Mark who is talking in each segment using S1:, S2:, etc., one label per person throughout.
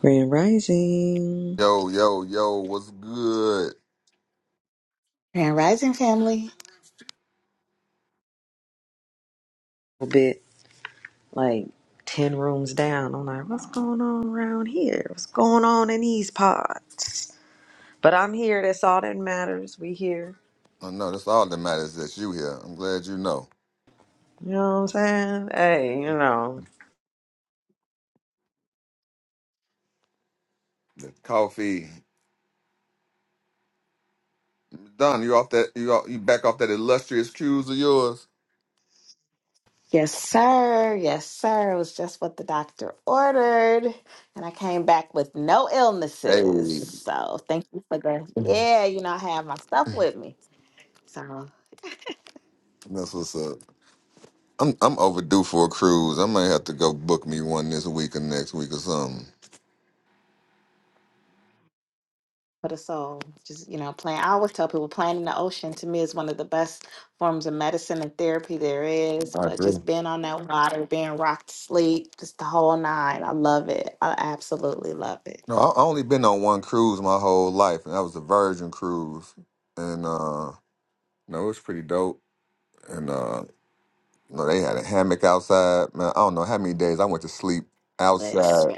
S1: Grand Rising.
S2: Grand Rising family.
S1: A bit like 10 rooms down. I'm like, what's going on around here? What's going on in these parts? But I'm here. That's all that matters. We here. You know what I'm saying? Hey, you know.
S2: Yes, sir. Yes, sir. It was just what the doctor ordered. And I came back with no illnesses. So thank you for the, yeah, you know, I have my stuff with me. So for the soul, just, you know, playing. I always tell people playing in the ocean to me is one of the best forms of medicine and therapy there is. But just being on that water, being rocked to sleep, just the whole nine. I love it. I absolutely love it. Listen.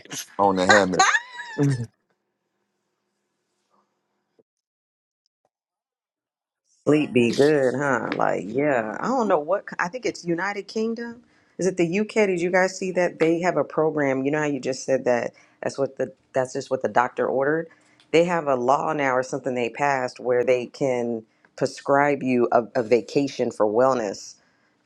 S1: Sleep be good, huh? Like, yeah. I don't know what, co- I think it's United Kingdom. Is it the UK? Did you guys see that? They have a program. You know how you just said that that's what the, that's just what the doctor ordered? They have a law now or something they passed where they can prescribe you a, a vacation for wellness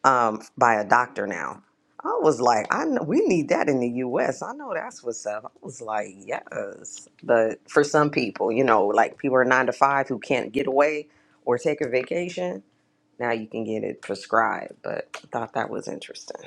S1: um, by a doctor now. I was like, I know we need that in the U.S. I know that's what's up. I was like, yes, but for some people, you know, like people are nine to five who can't get away or take a vacation. Now you can get it prescribed, but I thought that was interesting.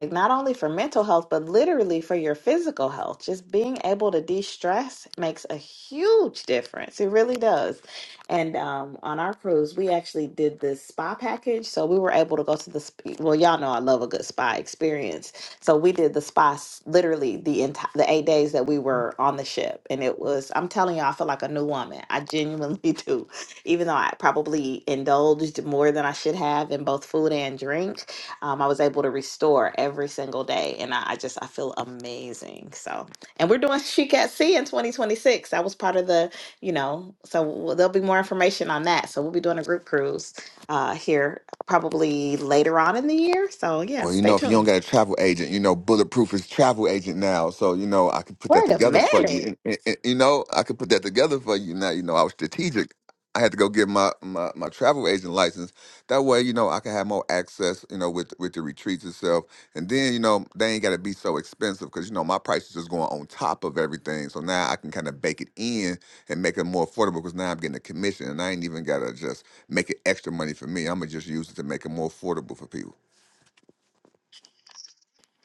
S2: like, not only for mental health, but literally for your physical health. Just being able to de stress makes a huge difference. It really does. And um, on our cruise, we actually did this spa package. So we were able to go to the, sp- well, y'all know I love a good spa experience. So we did the spa s- literally the entire, the eight days that we were on the ship. And it was, I'm telling y'all, I feel like a new woman. I genuinely do, even though I probably indulged more than I should have in both food and drink um, I was able to restore every single day, and I, I just I feel amazing. So, and we're doing Chic at Sea in 2026. That was part of the, you know, so w- there'll be more information on that. So we'll be doing a group cruise uh, here probably later on in the year. So yeah, stay tuned. Wait a minute,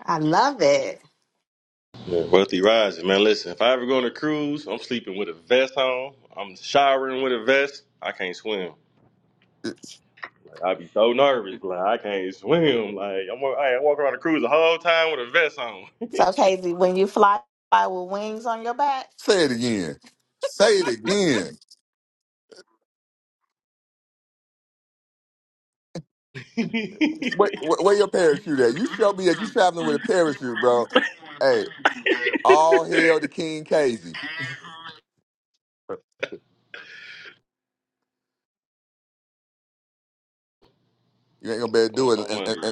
S2: I love it.
S3: Yeah, wealthy rising, man. Listen, if I ever go on a cruise, I'm sleeping with a vest on. I'm showering with a vest. I can't swim. Like, I be so nervous. Like I can't swim. Like I'm, wa- I ain't walking around the cruise the whole time with a vest on.
S2: So Casey, when you fly, fly with wings on your back,
S3: I'm, I'm wondering.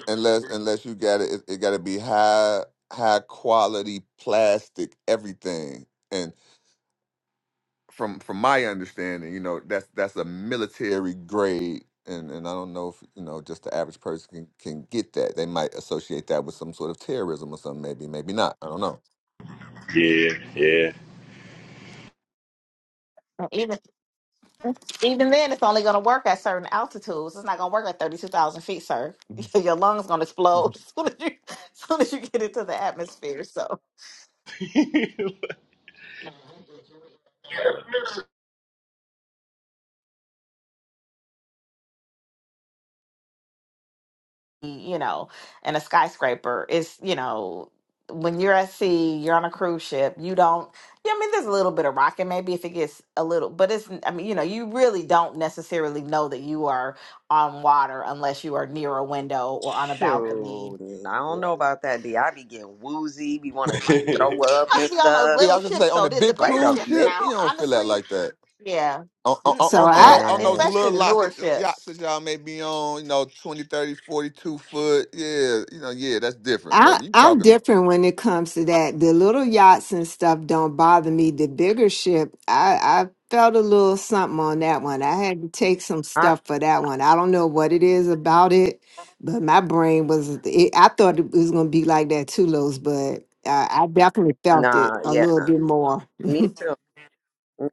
S3: Yeah, yeah.
S2: Even then, it's only going to work at certain altitudes. It's not going to work at 32,000 feet, sir. Your lungs going to explode as soon as, you, as soon as you get into the atmosphere. So, you know, and a skyscraper is, you know, when you're at sea, you're on a cruise ship, you don't, yeah, I mean, there's a little bit of rocking maybe if it gets a little, but it's, I mean, you know, you really don't necessarily know that you are on water unless you are near a window or on a
S1: Shoot,
S2: balcony.
S1: I
S2: Yeah.
S1: don't know about that. D, I be getting woozy, be want to like throw up and
S2: Must be on those
S1: stuff.
S2: little ships though. The, the
S1: Wait
S2: bigger
S1: a
S2: ships
S1: minute,
S2: now, honestly, Yeah.
S4: So
S2: Mm-mm. On
S4: I
S2: the,
S1: nah,
S2: especially the newer ships.
S4: I I'm different when it comes to that. The little yachts and stuff don't bother me. The bigger ship, I I felt a little something on that one. I had to take some
S1: I,
S4: stuff for that one. I don't know what it is about it. But my brain was, it, I thought it was going to be like that too, Los, but I, I definitely felt it
S1: nah,
S4: a
S1: yeah,
S4: little bit more.
S1: me too.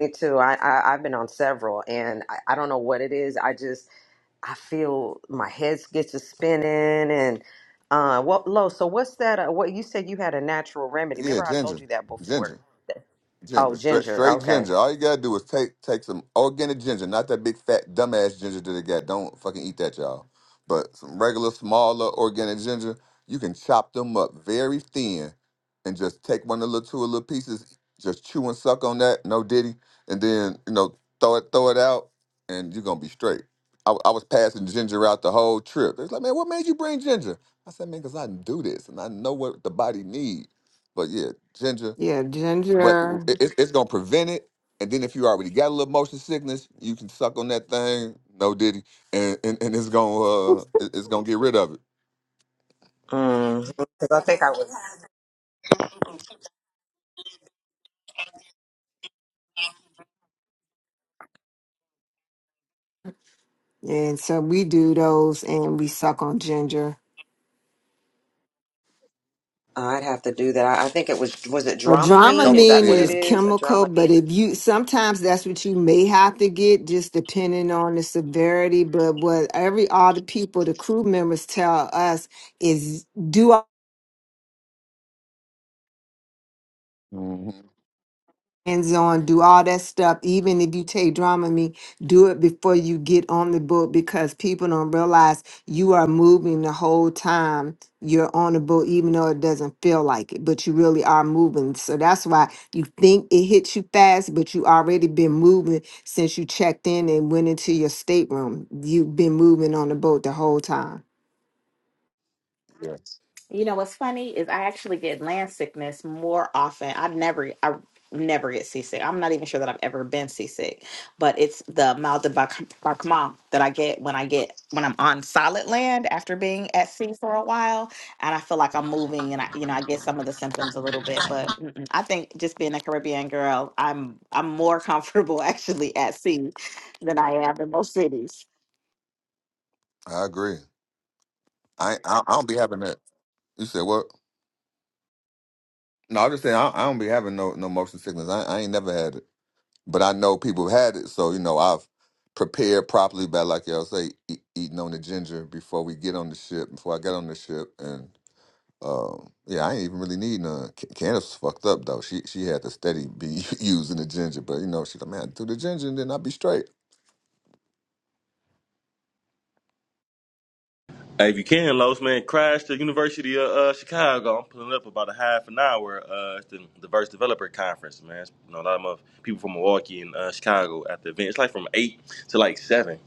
S1: Me too. I, I I've been on several, and I, I don't know what it is. I just I feel my head gets to spinning, and uh, what low? So what's that? Uh, what you said you had a natural remedy? Remember I told you that before? Oh, ginger. Okay.
S4: Yeah, ginger.
S1: Mm. Because I think I would.
S4: And so we do those and we suck on ginger.
S1: I'd have to do that. I, I think it was was it
S4: Now,
S1: Dramamine? Is that
S4: Dramamine
S1: what it
S4: is
S1: is? A
S4: chemical, but
S1: Dramamine?
S4: if you sometimes that's what you may have to get, just depending on the severity. But what every all the people, the crew members tell us is do hands on, do all that stuff. Even if you take Dramamine, do it before you get on the boat because people don't realize you are moving the whole time you're on the boat, even though it doesn't feel like it, but you really are moving. So that's why you think it hits you fast, but you already been moving since you checked in and went into your stateroom. You've been moving on the boat the whole time.
S2: You know what's funny is I actually get land sickness more often. I never, I never get seasick. I'm not even sure that I've ever been seasick, but it's the mal de bac- barquement that I get when I get when I'm on solid land after being at sea for a while, and I feel like I'm moving, and I, you know, I get some of the symptoms a little bit. But mm-mm. I think just being a Caribbean girl, I'm I'm more comfortable actually at sea than I am in most cities.
S3: hey, if you can, Los man, crash the University of uh, Chicago. I'm pulling up about a half an hour. Uh, it's the Diverse Developer Conference, man. It's, you know, a lot of mother- people from Milwaukee and uh, Chicago at the event. It's like from eight to like seven.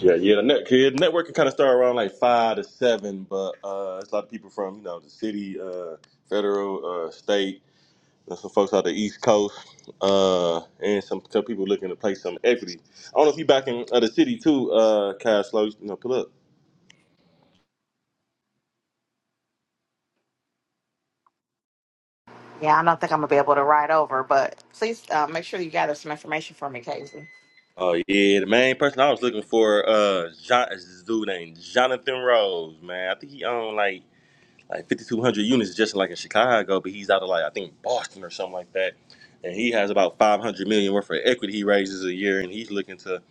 S3: Yeah, yeah. The net, kid, networking kind of started around like five to seven, but uh, it's a lot of people from you know the city, uh, federal, uh, state. There's some folks out the East Coast, uh, and some some people looking to place some equity. I don't know if you back in uh, the city too, uh, Cash Flow. You know, pull up.
S2: Yeah, I don't think I'm gonna be able to ride over, but please uh, make sure you gather some information for me, Casey.
S3: Oh yeah, the main person I was looking for, uh, John, is this dude named Jonathan Rose, man. I think he owned like like 5,200 units just like in Chicago, but he's out of like, I think Boston or something like that. And he has about 500 million worth of equity he raises a year, and he's looking to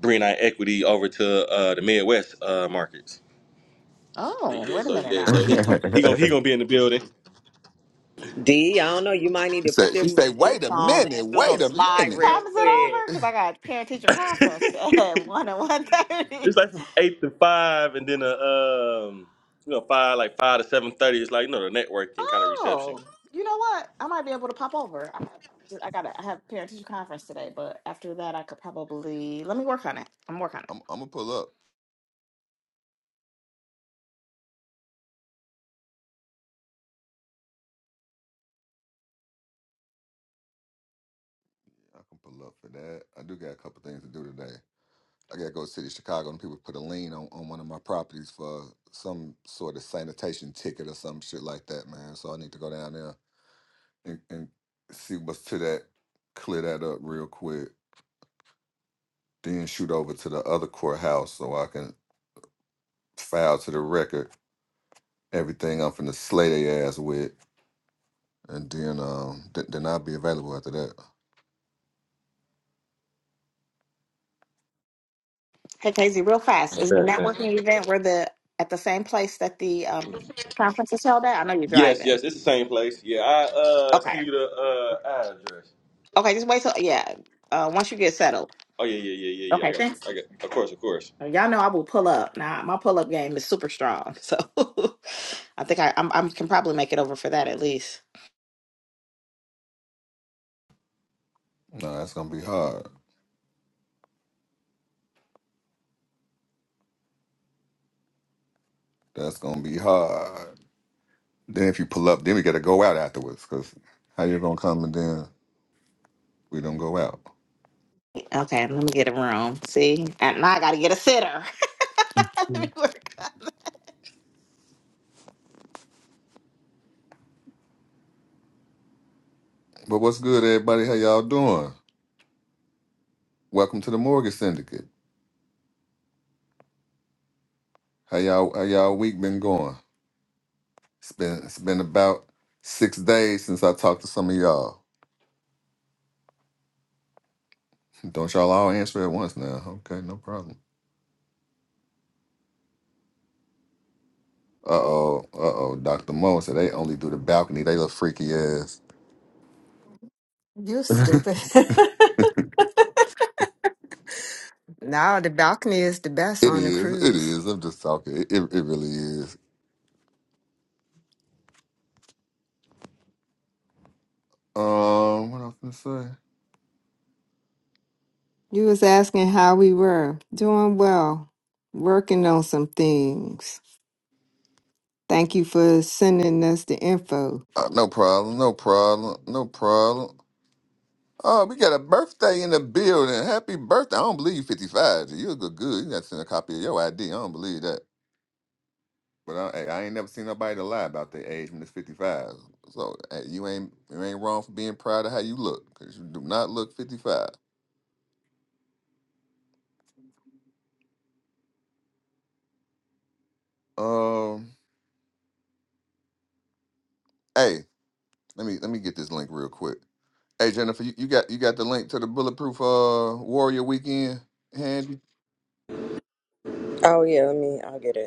S3: bring that equity over to uh, the Midwest uh, markets.
S2: Oh,
S3: Yeah,
S2: wait a
S3: so
S2: minute
S3: yeah,
S2: now.
S3: so he he gonna he gonna be in the building.
S1: D. I don't know. You might need to put them boots on and do a little slide real
S2: Time is it over?
S1: quick.
S2: Because I got parent teacher conference at one
S3: it's
S2: and one thirty.
S3: like from eight to five, and then a um you know five like five to seven thirty. It's like you know the networking kind of reception.
S2: Oh, you know what? I might be able to pop over. I have, I gotta I have parent teacher conference today, but after that, I could probably let me work on it. I'm working on it. Hey, Casey, real fast.
S3: I
S2: Is the
S3: bet, I bet.
S2: networking event where the at the same place that the um conference is held at? I know you're
S3: Yes,
S2: driving.
S3: yes, it's the same place. Yeah, I uh
S2: Okay.
S3: send you the uh address.
S2: Okay, just wait till yeah. Uh, once you get settled.
S3: Oh yeah, yeah, yeah, yeah, yeah. I
S2: Okay,
S3: got you.
S2: thanks.
S3: I got. Of course, of course.
S2: Y'all know I will pull up. Now my pull up game is super strong, so I think I I'm, I can probably make it over for that at least. Okay, let me get a room. See, and now I got to get a sitter. let me work.
S4: You're stupid. Now the balcony is the best on the cruise. You was asking how we were. Doing well. Working on some things. Thank you for sending us the info.
S1: Oh yeah, let me. I'll get it.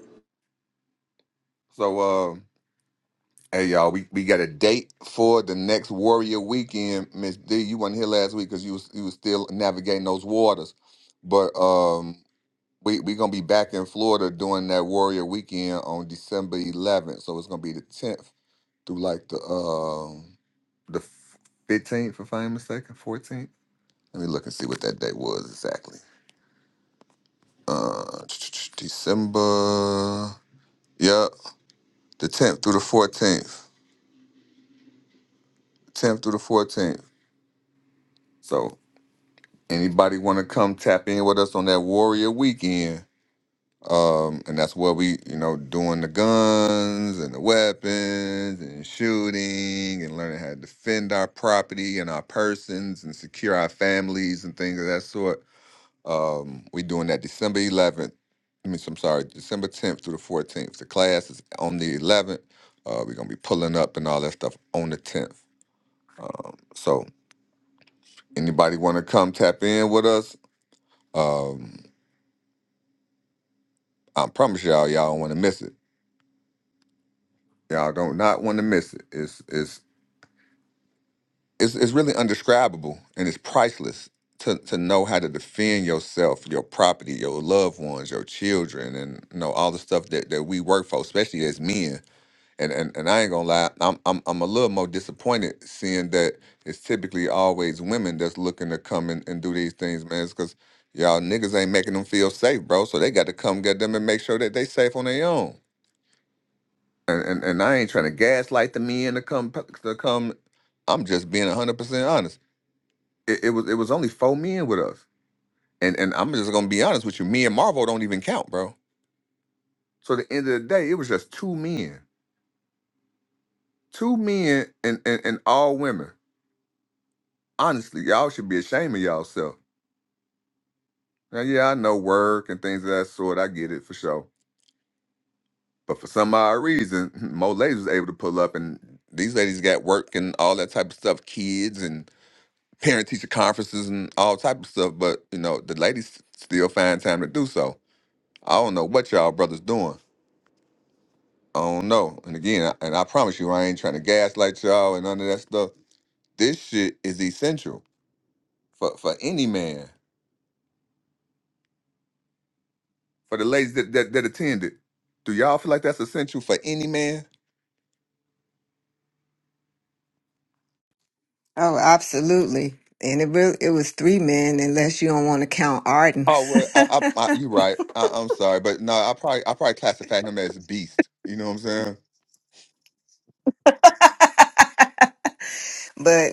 S4: Oh, absolutely. And it really, it was three men, unless you don't want to count Arden. but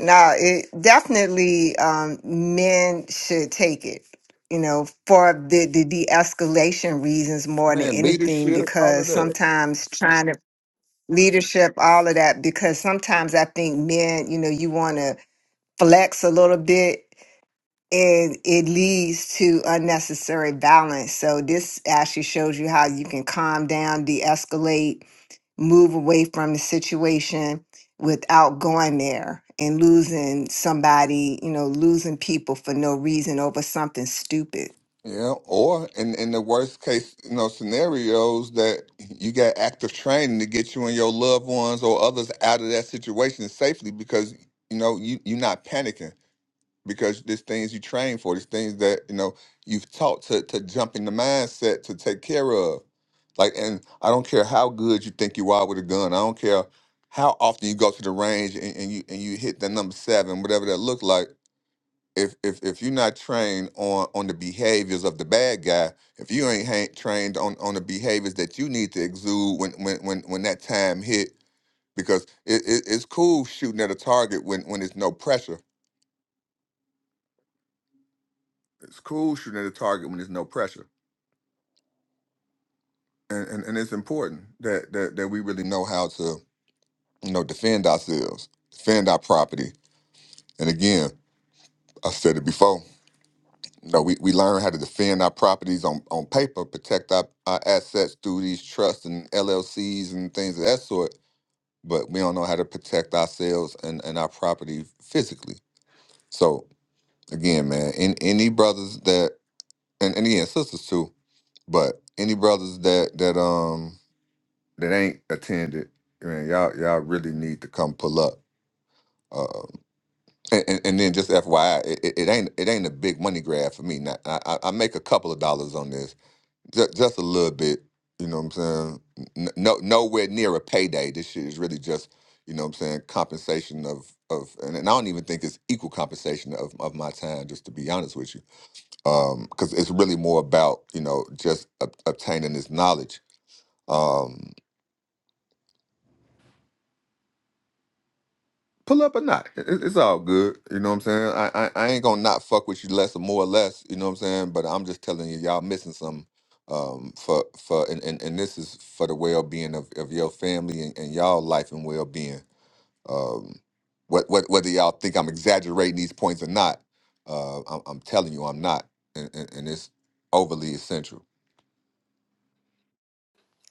S4: no, it definitely um, men should take it. You know, for the, the de-escalation reasons more than anything, because sometimes trying to leadership, all of that, because sometimes I think men, you know, you want to flex a little bit and it leads to unnecessary violence. So this actually shows you how you can calm down, de-escalate, move away from the situation without going there and losing somebody, you know, losing people for no reason over something stupid.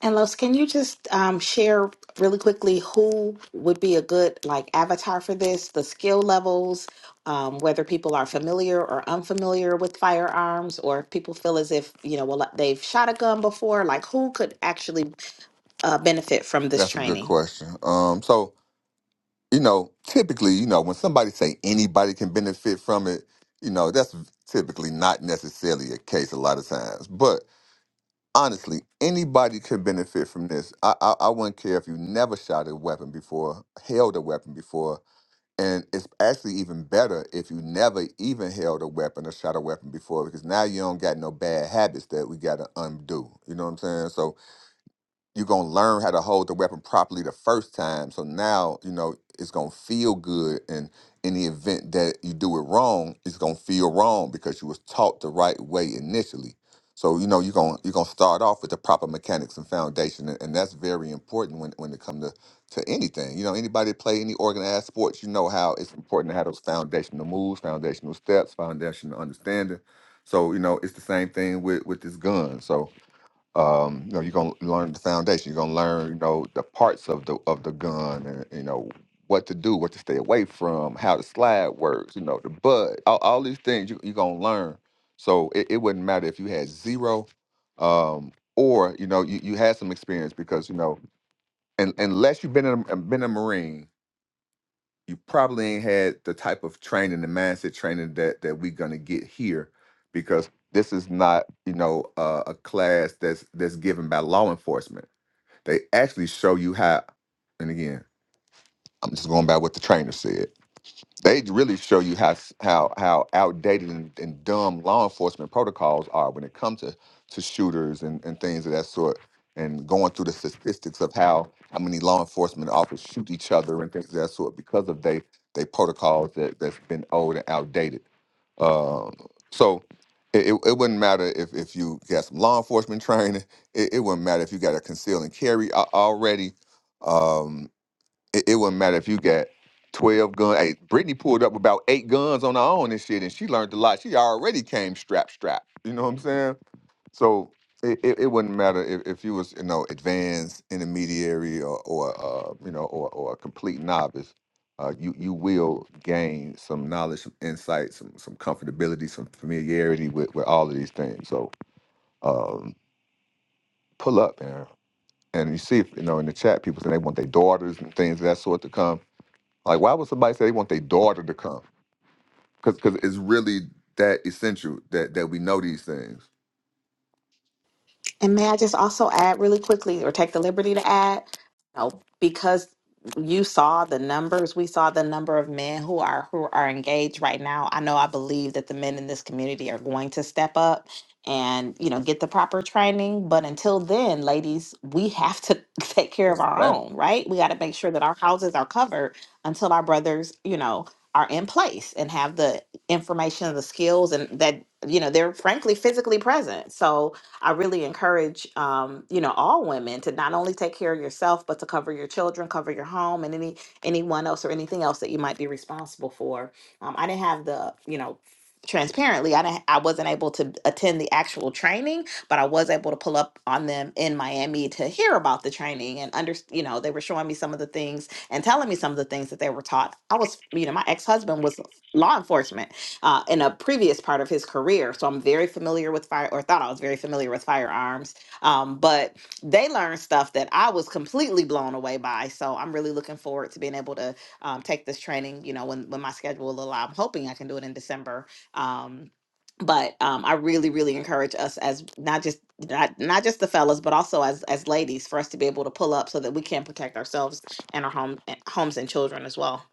S2: And Los, can you just um, share really quickly who would be a good like avatar for this? The skill levels, um, whether people are familiar or unfamiliar with firearms, or if people feel as if you know, well, like, they've shot a gun before. Like, who could actually uh, benefit from this training? And may I just also add really quickly, or take the liberty to add, you know, because you saw the numbers, we saw the number of men who are who are engaged right now. I know I believe that the men in this community are going to step up and you know get the proper training. But until then, ladies, we have to take care of our own, right? We got to make sure that our houses are covered until our brothers, you know, are in place and have the information and the skills and that you know they're frankly physically present. So I really encourage, um, you know, all women to not only take care of yourself, but to cover your children, cover your home, and any anyone else or anything else that you might be responsible for. Um, I didn't have the, you know, transparently, I didn't, I wasn't able to attend the actual training, but I was able to pull up on them in Miami to hear about the training and under, you know, they were showing me some of the things and telling me some of the things that they were taught. I was, you know, my ex husband was law enforcement uh, in a previous part of his career. So I'm very familiar with fire, or thought I was very familiar with firearms. Um, but they learned stuff that I was completely blown away by. So I'm really looking forward to being able to um, take this training. You know, when when my schedule will allow, I'm hoping I can do it in December. Um, but um, I really, really encourage us as not just not, not just the fellas, but also as as ladies, for us to be able to pull up so that we can protect ourselves and our home homes and children as well.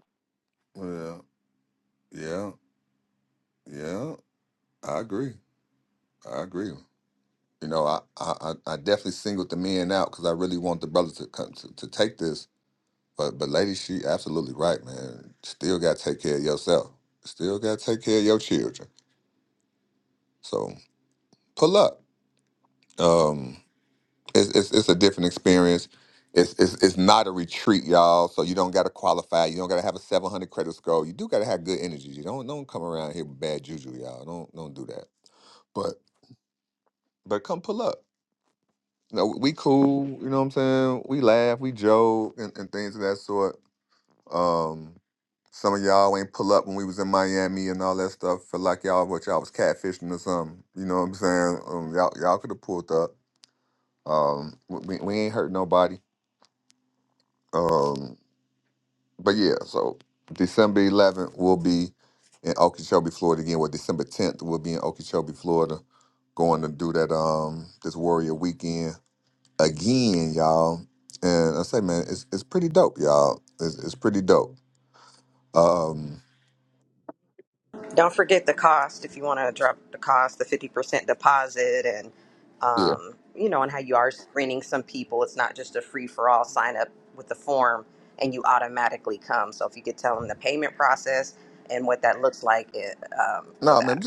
S1: Don't forget the cost if you want to drop the cost, the 50% deposit, and um, you know, and how you are screening some people. It's not just a free for all sign up with the form and you automatically come. So if you could tell them the payment process and what that looks like it, um, for that.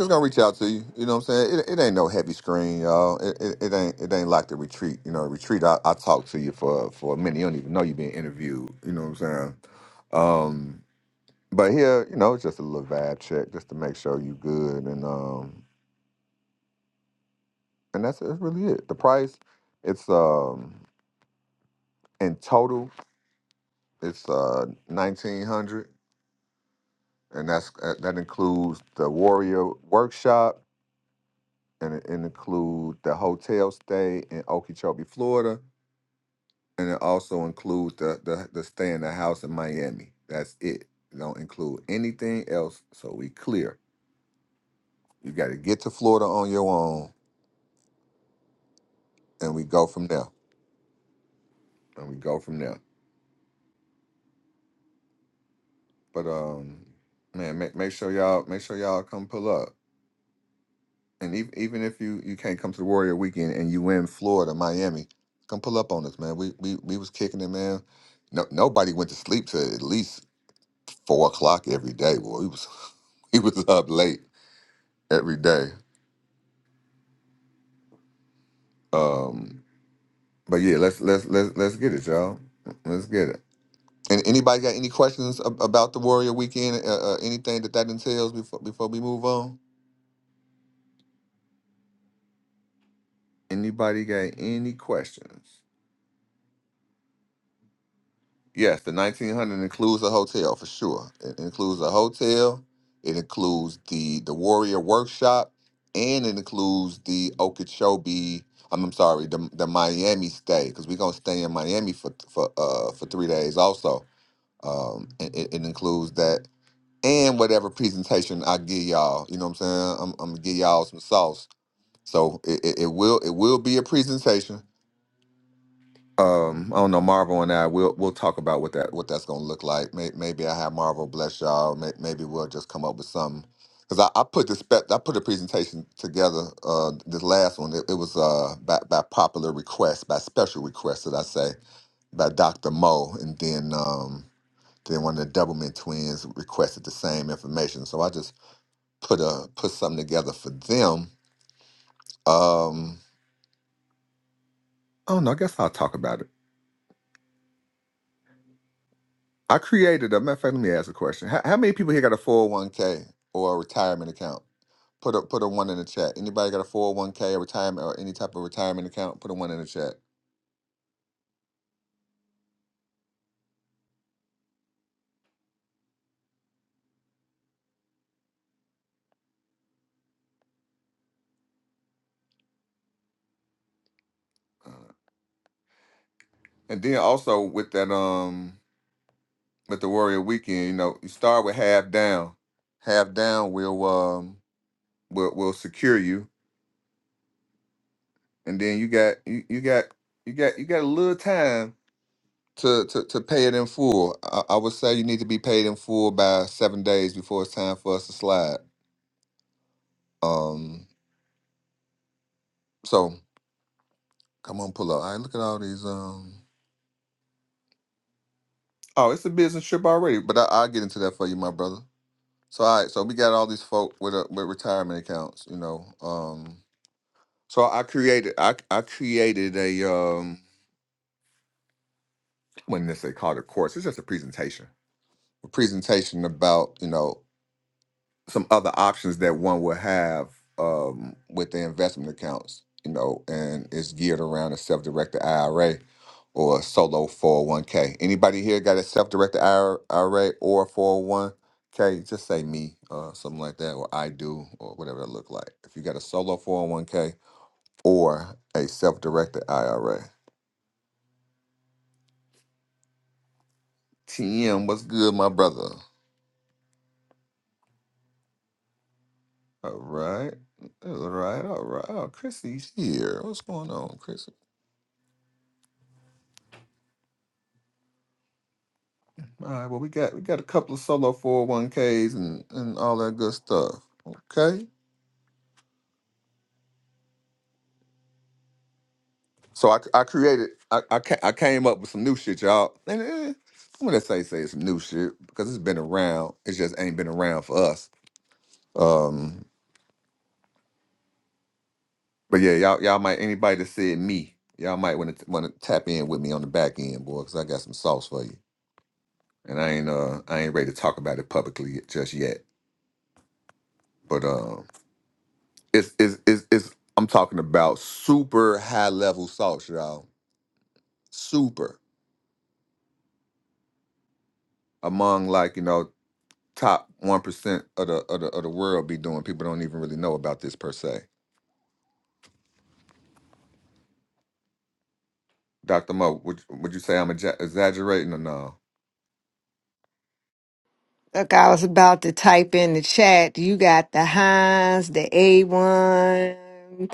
S4: Look, I was about to type in the chat. You got the Heinz, the A1.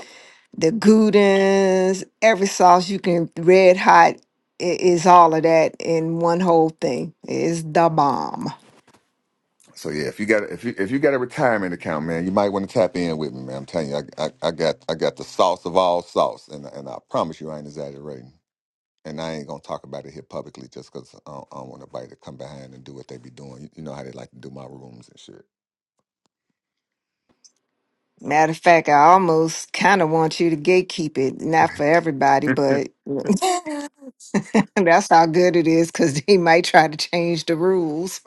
S4: the gudins, every sauce you can red hot i- is all of that in one whole thing. It's the bomb. Matter of fact, I almost kind of want you to gatekeep it, not for everybody, but that's how good it is because they might try to change the rules.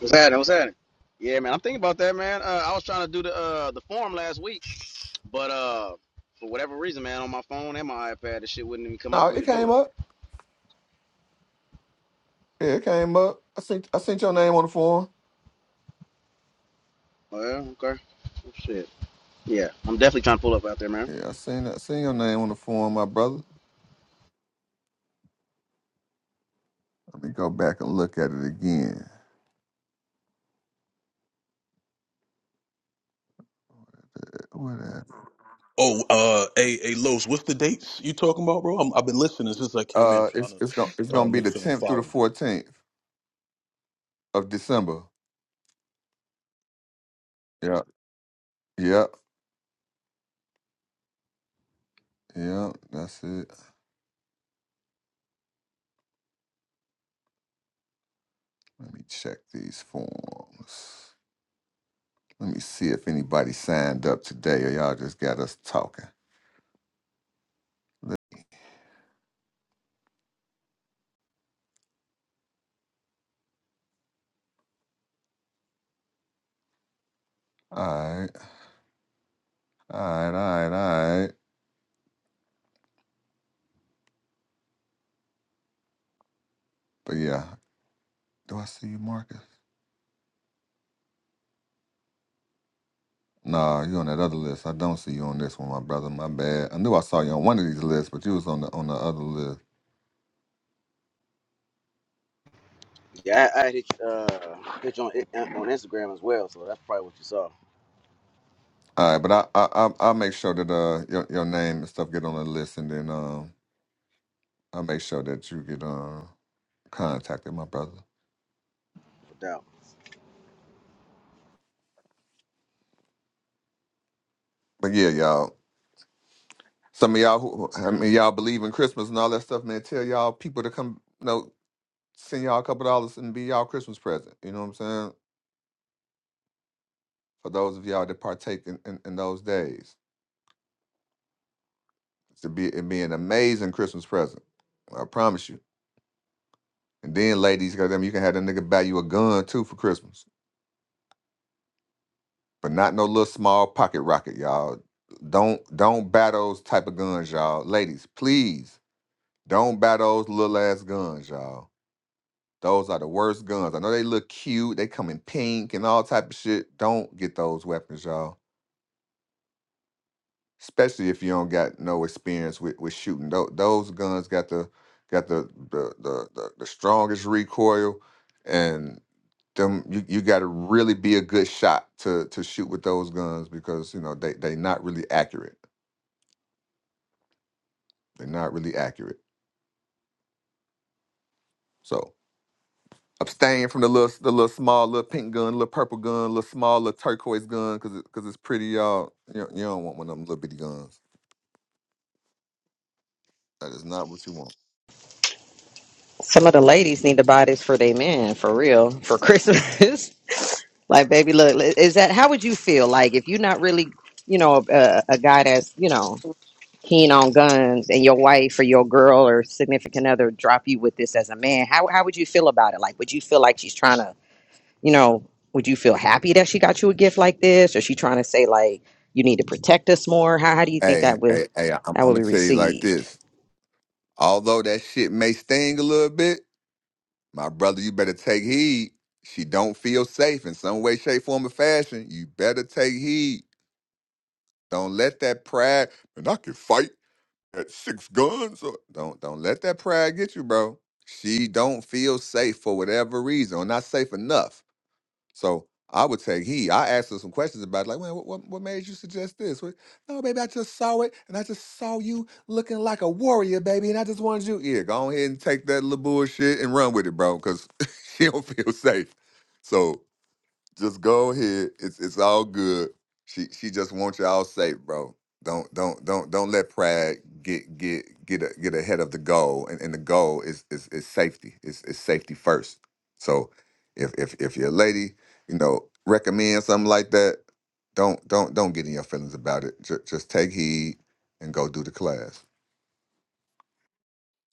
S5: What's happening? What's happening? Yeah, man, I'm thinking about that, man. Uh, I was trying to do the uh, the form last week, but uh, for whatever reason, man, on my phone and my iPad, this shit wouldn't even come up for me to do it. Well, okay, Well, shit. Yeah, I'm definitely trying to pull up out there, man.
S6: Oh, uh, hey, hey, Los, what's the dates you talking about, bro? I'm, I've been listening since I came in, trying to uh, make sure I'm following.
S5: Yeah, I, I hit you, uh, hit you on, on Instagram as well, so that's probably what you saw, no doubt.
S1: Some of the ladies need to buy this for their men, for real, for Christmas. like, baby, look, is that how would you feel? Like, if you're not really, you know, a, a guy that's, you know, keen on guns and your wife or your girl or significant other drop you with this as a man, how how would you feel about it? Like, would you feel like she's trying to, you know, would you feel happy that she got you a gift like this, or she trying to say like you need to protect us more? How how do you think that would that would be received?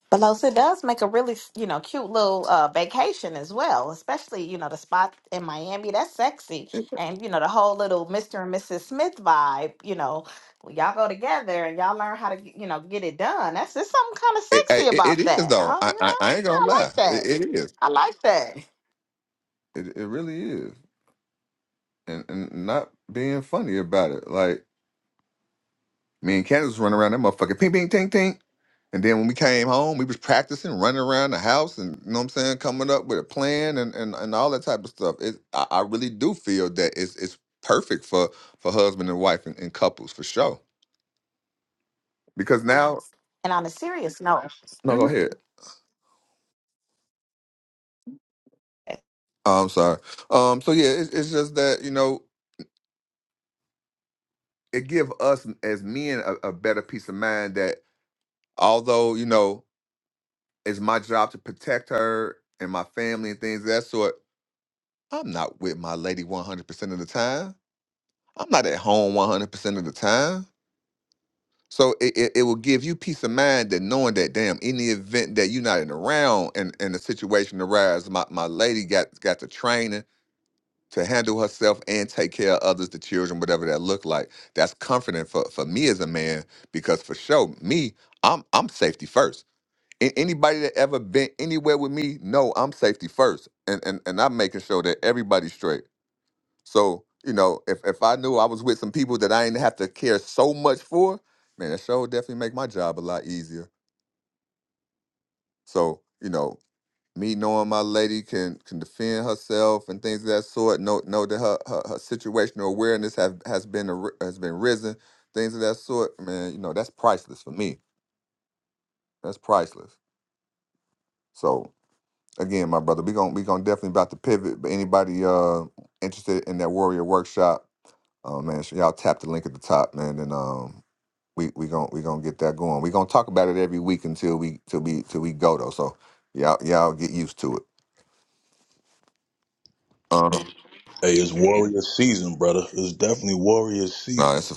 S2: Belos, it does make a really, you know, cute little uh, vacation as well, especially, you know, the spot in Miami. That's sexy. And, you know, the whole little Mr. and Mrs. Smith vibe, you know, when y'all go together and y'all learn how to, you know, get it done. That's there's something kind of sexy about that. I, you know, I like that. I like that. And on a serious note, hmm
S6: Hey, it's warrior season, brother. It's definitely warrior season.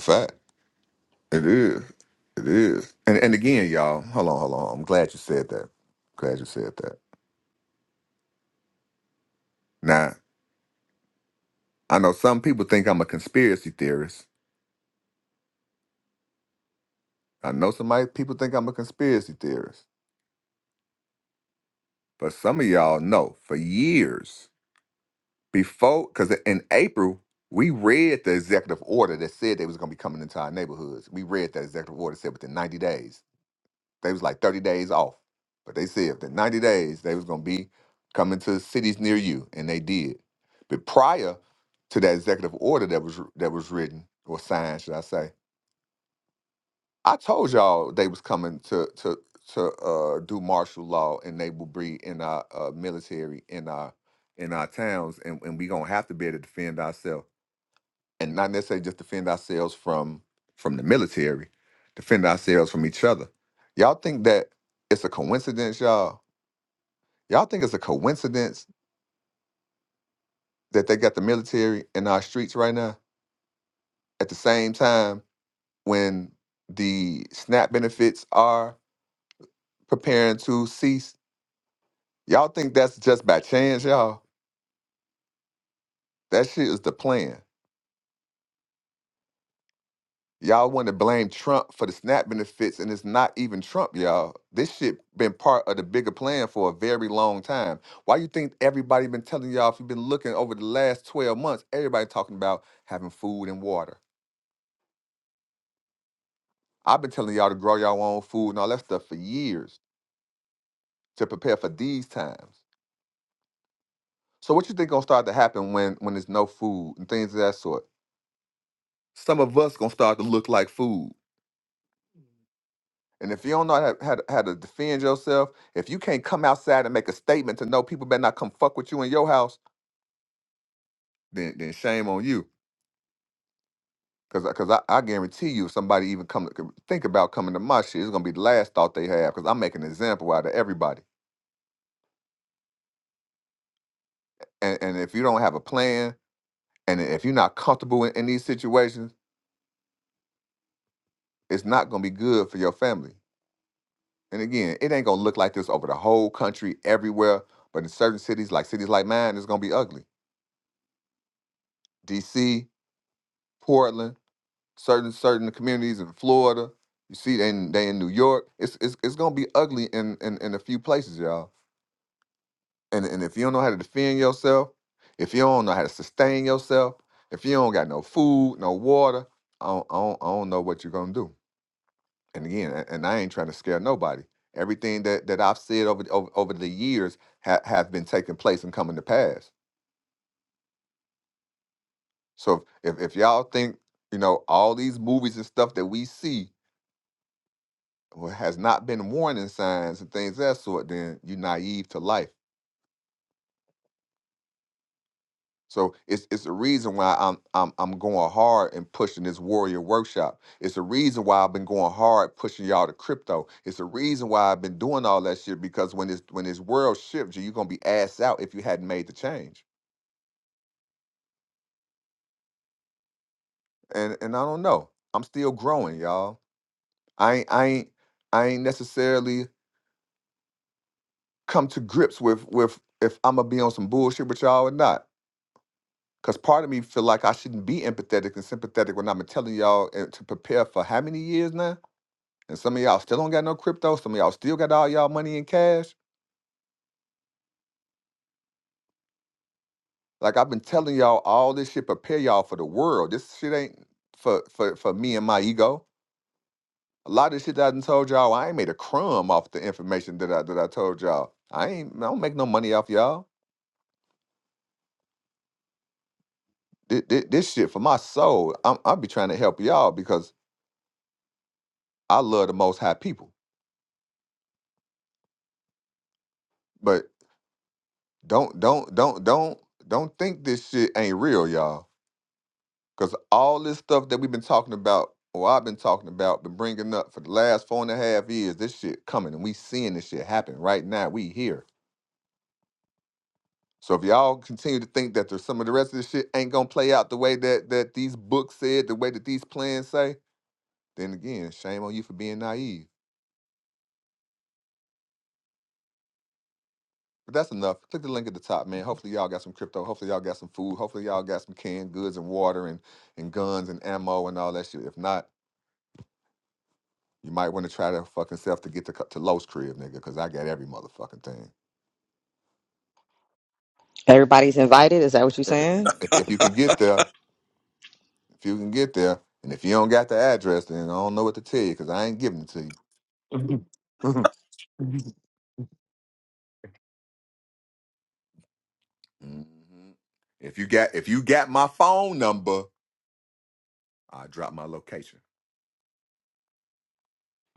S1: Everybody's invited. Is that what you're saying?
S6: bro,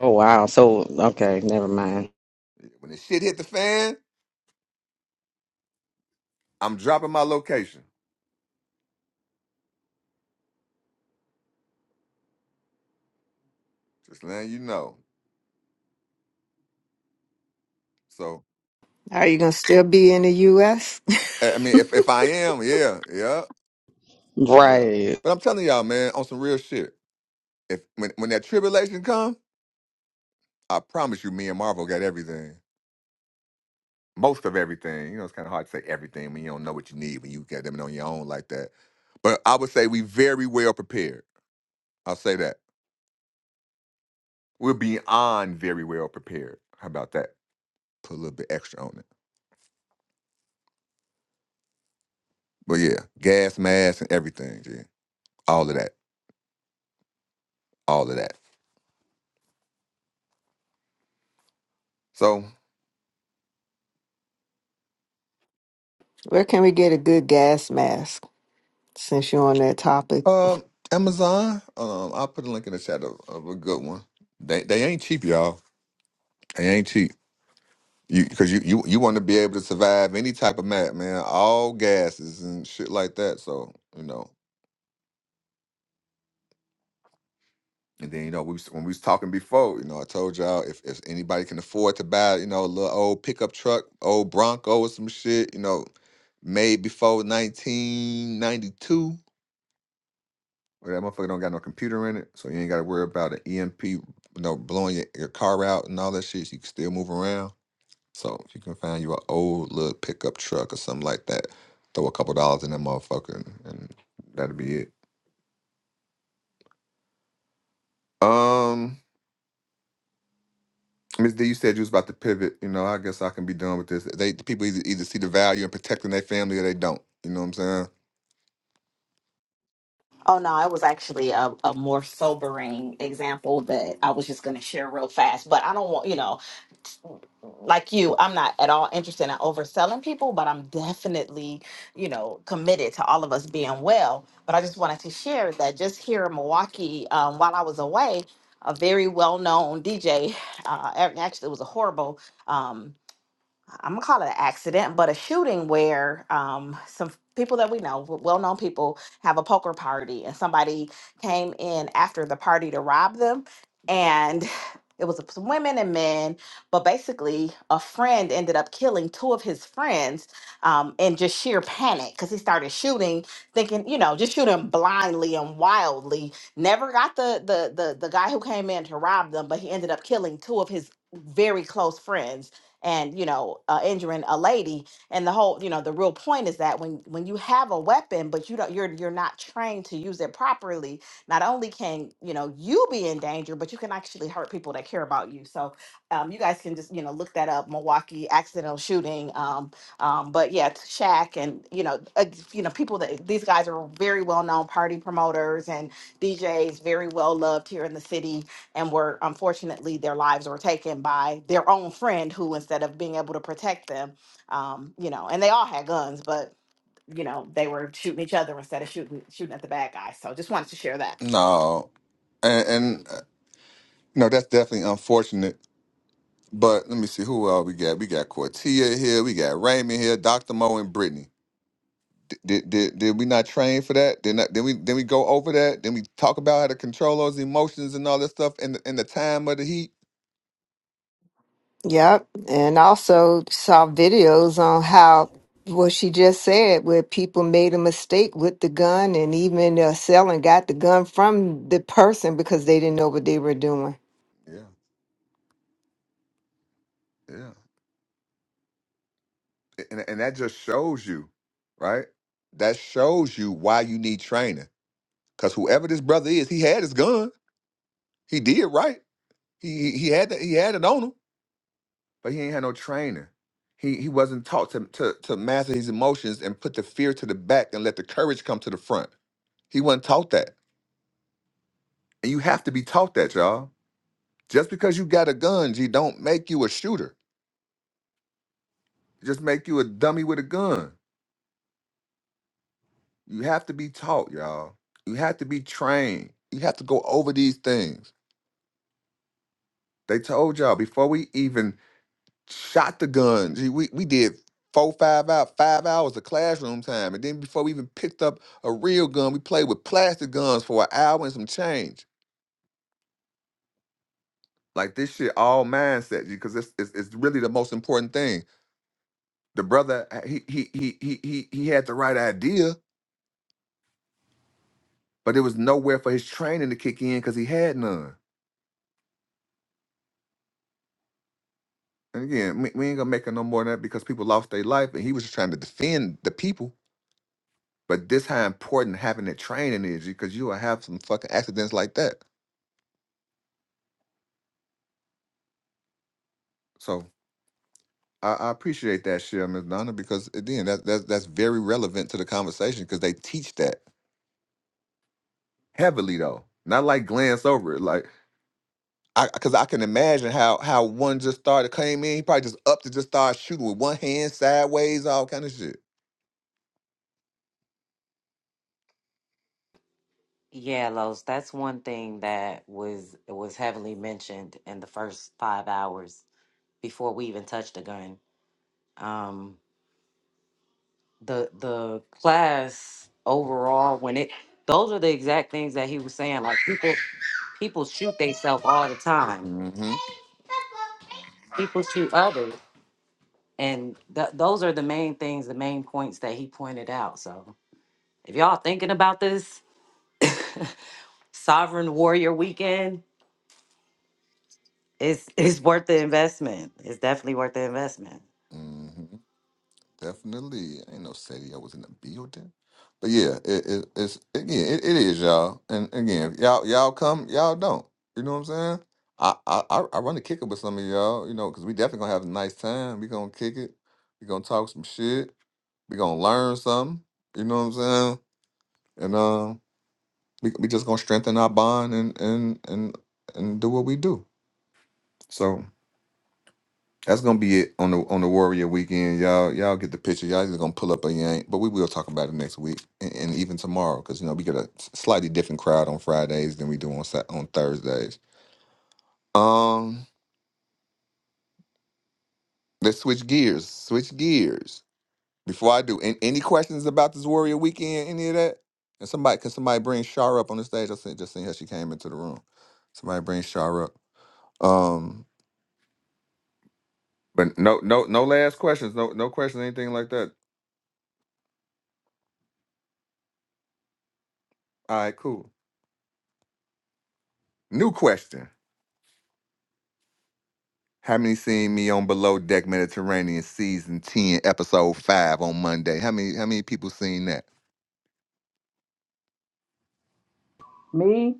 S1: Oh wow. So okay, never mind.
S4: Are you going to still be in the U.S.?
S1: Right.
S4: Where can we get a good gas mask since you're on that topic?
S2: Oh no, it was actually a, a more sobering example that I was just going to share real fast. But I don't want you know. like you, I'm not at all interested in overselling people, but I'm definitely, you know, committed to all of us being well. But I just wanted to share that just here in Milwaukee, um, while I was away, a very well known DJ, uh, ac- actually, it was a horrible. um, I'm gonna call it an accident, but a shooting where um, some people that we know, well known people, have a poker party and somebody came in after the party to rob them. And it was some women and men, but basically, a friend ended up killing two of his friends um, in just sheer panic because he started shooting, thinking, you know, just shooting blindly and wildly. Never got the, the the the guy who came in to rob them, but he ended up killing two of his very close friends and you know uh, injuring a lady and the whole you know the real point is that when when you have a weapon but you don't you're you're not trained to use it properly not only can you know you be in danger but you can actually hurt people that care about you so um, you guys can just you know look that up milwaukee accidental shooting um, um, but yeah t- Shaq and you know ex- you know people that these guys are very well known party promoters and djs very well loved here in the city and were unfortunately their lives were taken by their own friend who instead of being able to protect them um you know and they all had guns but you know they were shooting each other instead of shooting shooting at the bad guy so just wanted to share that
S4: Yep. And also saw videos on how what she just said, where people made a mistake with the gun and even uh, selling got the gun from the person because they didn't know what they were doing
S7: Yeah, Los, that's one thing that was was heavily mentioned in the first five hours before we even touched the gun. Um, the the class overall, when it those are the exact things that he was saying. Like people people shoot themselves all the time. People shoot others, and th- those are the main things, the main points that he pointed out. So if y'all thinking about this, Sovereign Warrior Weekend. It's it's worth the investment. It's definitely worth the investment.
S8: Me,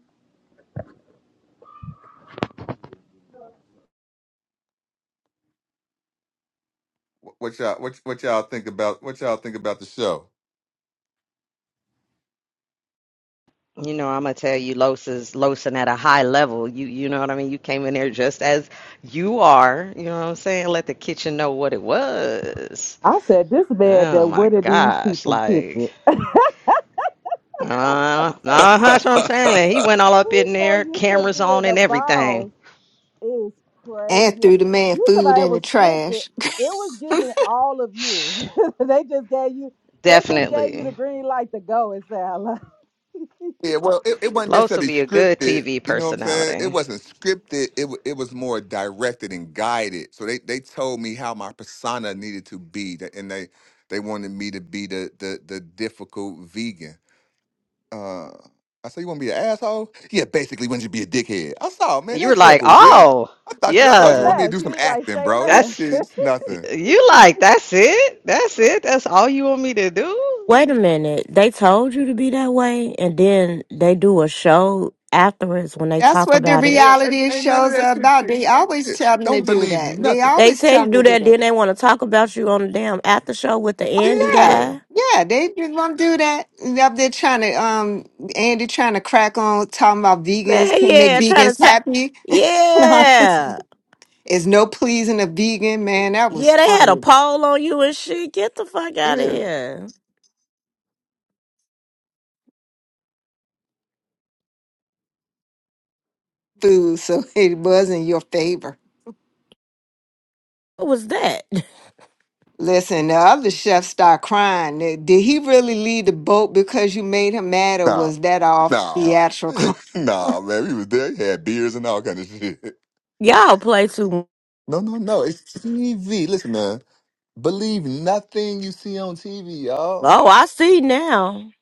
S1: You know, I'm gonna tell you, Los is losing at a high level. You you know what I mean? You came in there just as you are. You know what I'm saying? Let the kitchen know what it was.
S8: I said, this man
S1: Oh
S8: that
S1: my
S8: went in these
S1: gosh!
S8: people
S1: Like,
S8: kitchen.
S1: uh, uh, that's what I'm saying. Like, he
S6: I'm
S1: went all up
S8: He's
S1: in
S8: so
S1: there,
S8: used to
S1: cameras
S8: being
S1: on
S8: a
S1: and everything.
S8: boss. It's
S4: and
S8: crazy.
S4: threw the man
S8: You talking
S4: food
S8: about it
S4: in the
S8: was scripted.
S4: trash.
S8: It was giving all of you. they just gave you they just gave you the
S1: Definitely,
S8: green light to go and say
S1: Los will be a good TV personality. You were like, oh
S8: say
S1: yeah,
S8: less. He was like, say
S1: that's
S8: less.
S1: you like that's it, that's it, that's all you want me to
S9: Wait
S1: do.
S9: a minute. They told you to be that way, and then they do a show afterwards when they
S4: That's
S9: talk
S4: what the
S9: about it.
S4: reality shows are about. They always tell them to do that. They
S9: They
S4: always
S9: tell
S4: tell
S9: you to
S4: them to
S9: do
S4: do
S9: that,
S4: that.
S9: then they want to talk about you on the damn after show with the
S4: Oh
S9: Andy
S4: yeah,
S9: guy.
S4: yeah. They just want to do that. They Up there trying to um Andy trying to crack on talking about
S9: Man,
S4: vegans can make
S9: yeah, trying
S4: vegans
S9: to talk.
S4: happy.
S9: Yeah.
S4: It's no pleasing a vegan man. That was
S9: Yeah, they had a
S4: funny
S9: poll on you and shit. Get the fuck out of here.
S4: food, so it was in your favor.
S9: What was that?
S4: Listen, the other chef start crying. Did did he really leave the boat because you made him mad, or was that all theatrical?
S9: Y'all play too. mu- Oh, I see now.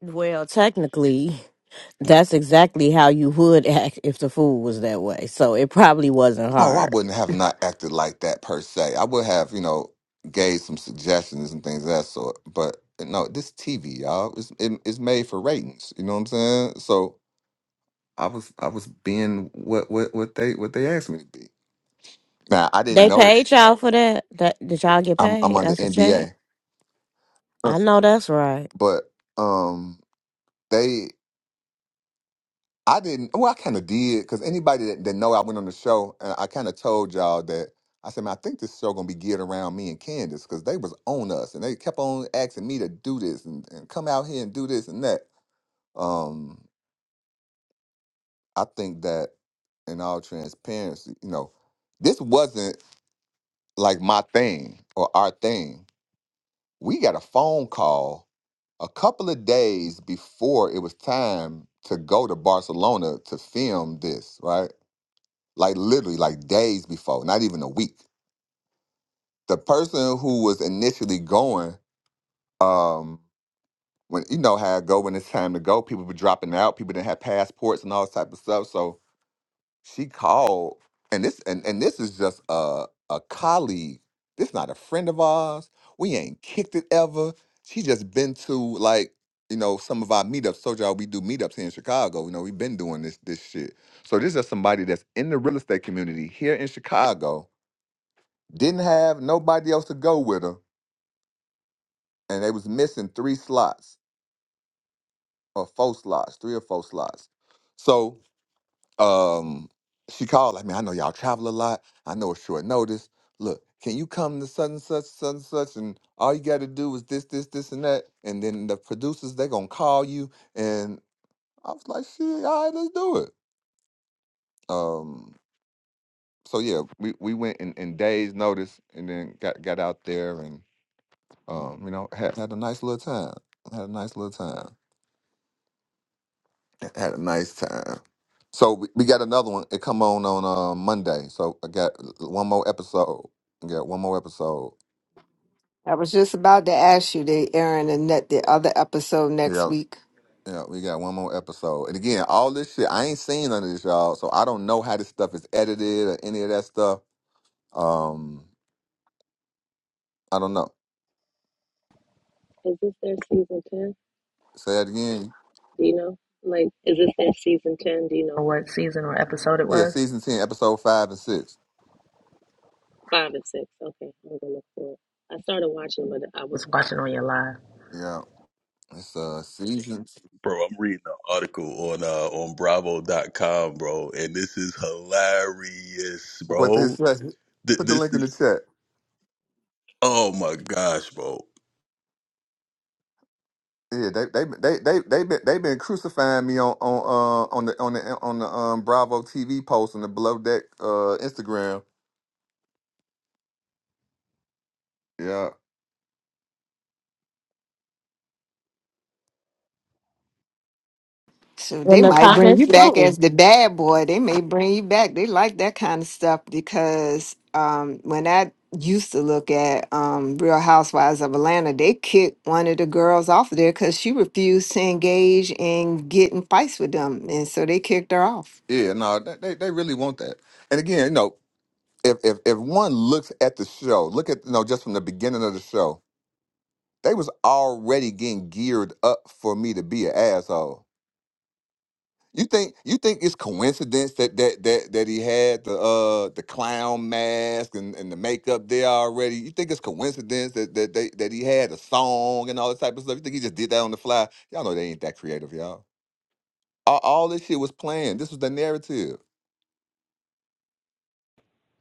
S9: Well, technically, that's exactly how you would act if the food was that way. So it probably wasn't hard. They paid y'all for that. That did y'all get paid? That's a check. I know that's right.
S4: I was just about to ask you, they airing the net the other episode next week.
S10: Is this their season 10? Do you know? Like, is this their season 10? Do you know what season or episode it was? Five and six. Okay, I'm gonna look for it. I started watching, but I was watching on your live.
S6: reading an article on uh, on Bravo.com, bro, and this is hilarious, bro. Th- this is, oh my gosh, bro.
S4: So
S9: In
S4: they
S9: the
S4: might bring
S9: comments
S4: you back
S9: too.
S4: as the bad boy. They may bring you back. They like that kind of stuff because um, when I used to look at um, Real Housewives of Atlanta, they kicked one of the girls off of there because she refused to engage in getting fights with them, and so they kicked her off.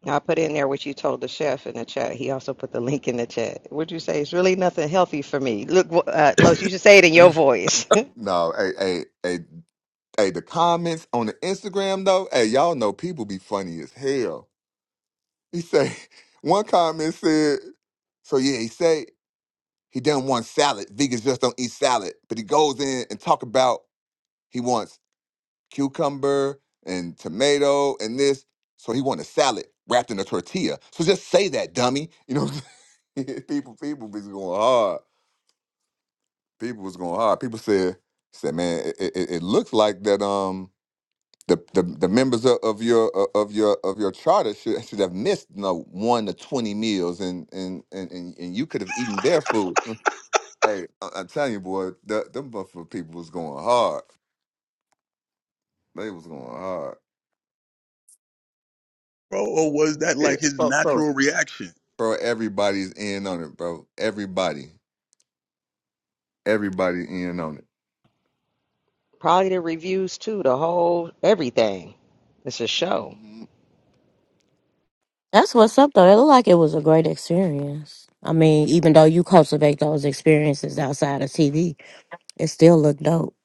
S1: Now, I put in there what you told the chef in the chat. He also put the link in the chat. Would you say it's really nothing healthy for me? Look, uh, Los, you should say it in your voice.
S6: bro, or was that like his natural reaction?
S1: Probably the reviews too, the whole everything. It's a show.
S9: That's what's up though. It looked like it was a great experience. I mean, even though you cultivate those experiences outside of TV, it still looked dope.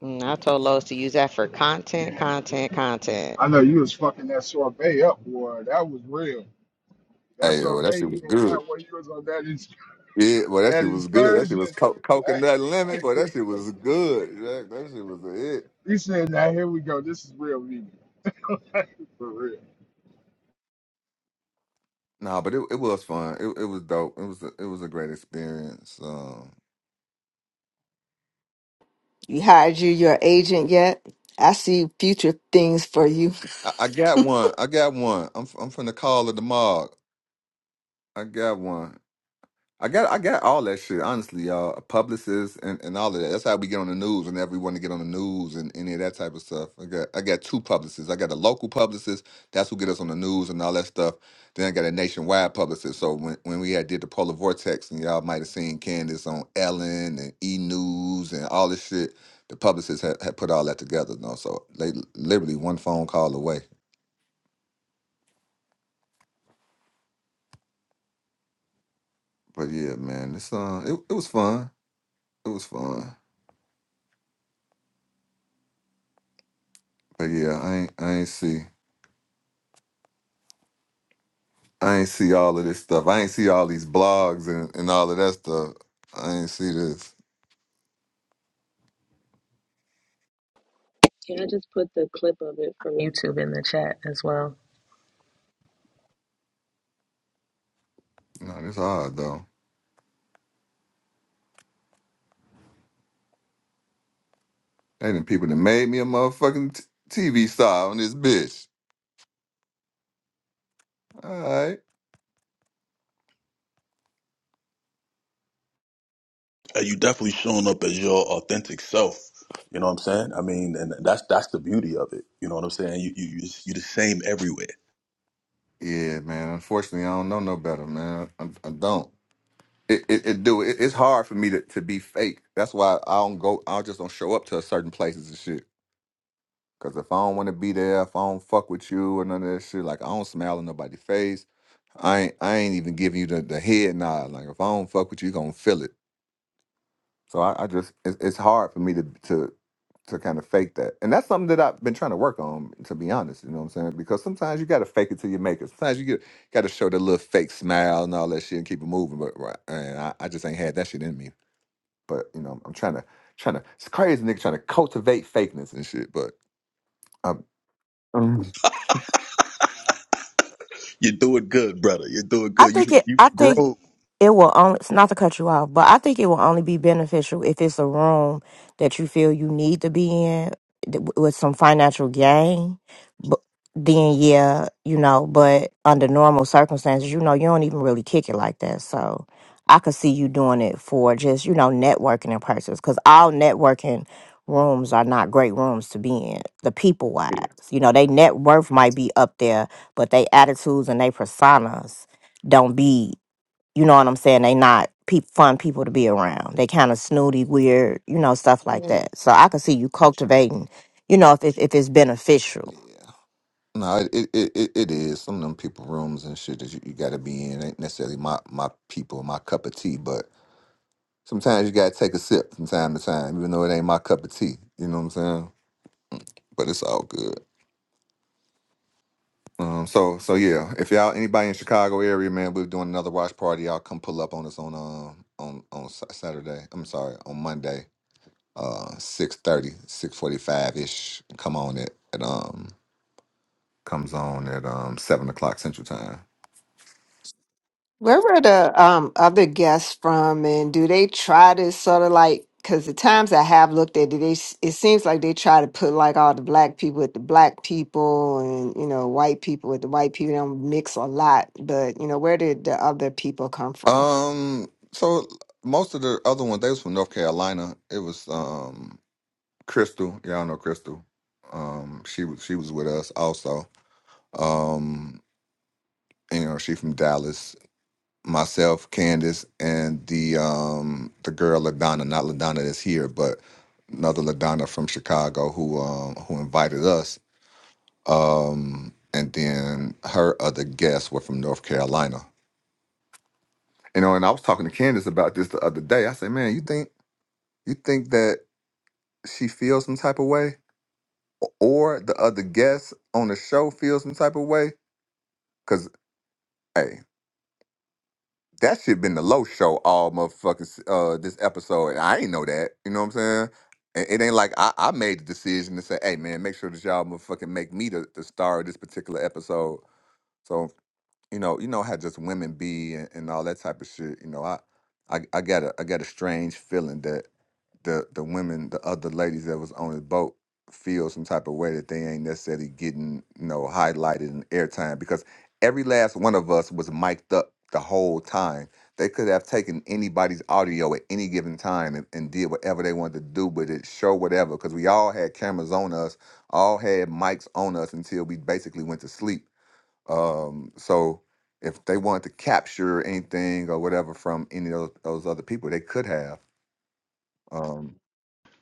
S1: And I told Los to use that for content, content, content.
S11: I know you was fucking that sorbet up, boy. That was real. That sorbet you had got when you was on that ex- that excursion. he said, "Now here we go. This is real vegan for real."
S4: You hired you your agent yet? I see future things for you.
S10: Can I just put the clip of it from YouTube in the chat as well?
S6: uh, you definitely showing up as your authentic self. You know what I'm saying? I mean, and that's that's the beauty of it. You know what I'm saying? You you you you the same everywhere. You're doing good, brother. You're doing
S9: I
S6: good.
S9: think
S6: You
S9: it.
S6: you
S9: I think
S6: grown.
S9: It will only it's not to cut you off, but I think it will only be beneficial if it's a room that you feel you need to be in th- with some financial gain. But then, yeah, you know. But under normal circumstances, you know, you don't even really kick it like that. So I could see you doing it for just you know networking in persons because all networking rooms are not great rooms to be in. The people wise, you know, they net worth might be up there, but they attitudes and they personas don't be you know what I'm saying? They not peop fun people to be around. They kind of snooty, weird, you know, stuff like that. So I can see you cultivating, you know, if if, if it's beneficial.
S4: Where were the um, other guests from, and do they try to sort of like? Because the times I have looked at it, they, s- it seems like they try to put like all the black people with the black people, and you know, white people with the white people. They don't mix a lot, but you know, where did the other people come from?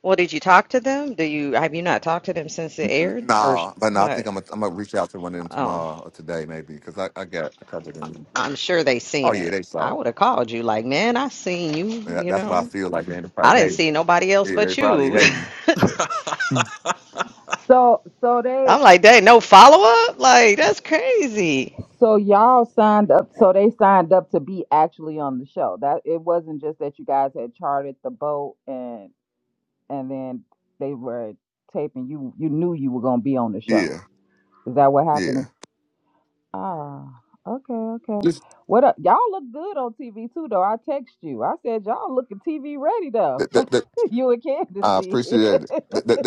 S1: Well, did you talk to them? Do you have you not talked to them since it aired or sh- what? Oh, I'm sure they seen it. I would have called you like, man, I seen you. You know, I didn't see nobody else but you.
S8: so so they
S1: I'm like, they no follow up? Like, that's crazy.
S8: so y'all signed up so they signed up to be actually on the show. That it wasn't just that you guys had charted the boat and. and then they were taping you you knew you were gonna be on the show is that what happened ah okay okay what up y'all look good on tv too though i text you i said y'all looking tv ready though you and candace did.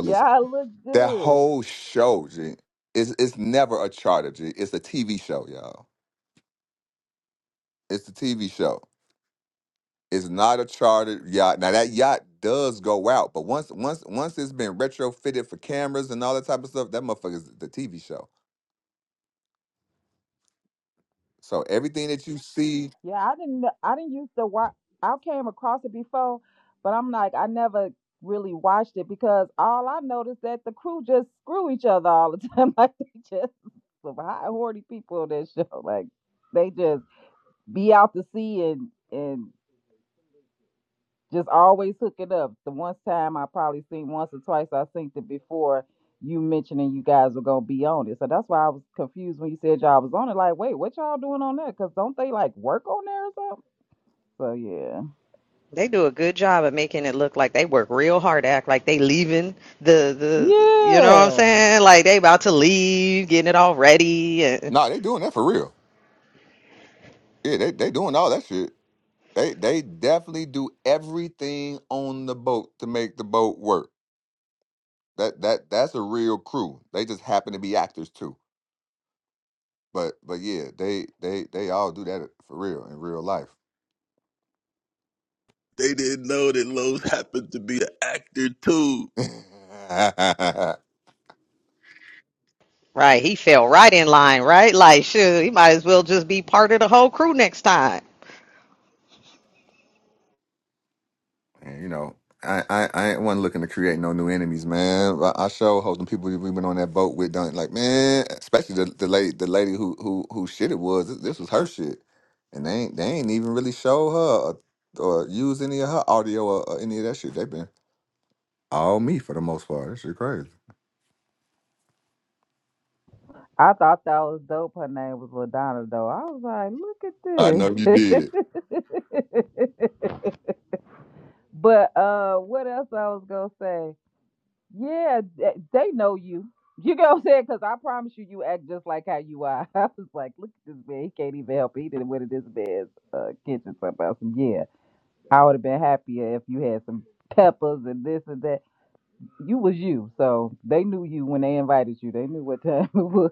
S8: yeah i look good yeah i didn't i didn't used to watch i came across it before but i'm like i never really watched it because all i noticed that the crew just screw each other all the time like they just some high horny people on that show. Like they just be out to sea and and just always hooking up. The one time I probably seen once or twice I synced it before you mentioning you guys were gonna be on it. So that's why I was confused when you said y'all was on it. Like, wait, what y'all doing on that? Cause don't they like work on there or something? So yeah.
S1: They do a good job of making it look like they work real hard to act like they leaving the the you know what I'm
S8: Yeah.
S1: saying? Like they about to leave, getting it all ready and
S6: they didn't know that Lowe's happened to be an actor too.
S1: right, he fell right in line, right? Like shoot, he might as well just be part of the whole crew next time.
S8: I thought that was dope. Her name was Ladonna though. I was like, look at this. But uh, what else I was gonna say? Yeah, th- they know you. You know what I'm saying? Because I promise you, you act just like how you are. I was like, look at this man. He can't even help. it. He didn't went to this man's uh, kitchen somehow. So yeah, I would have been happier if you had some peppers and this and that. You was you. So they knew you when they invited you. They knew what time it was.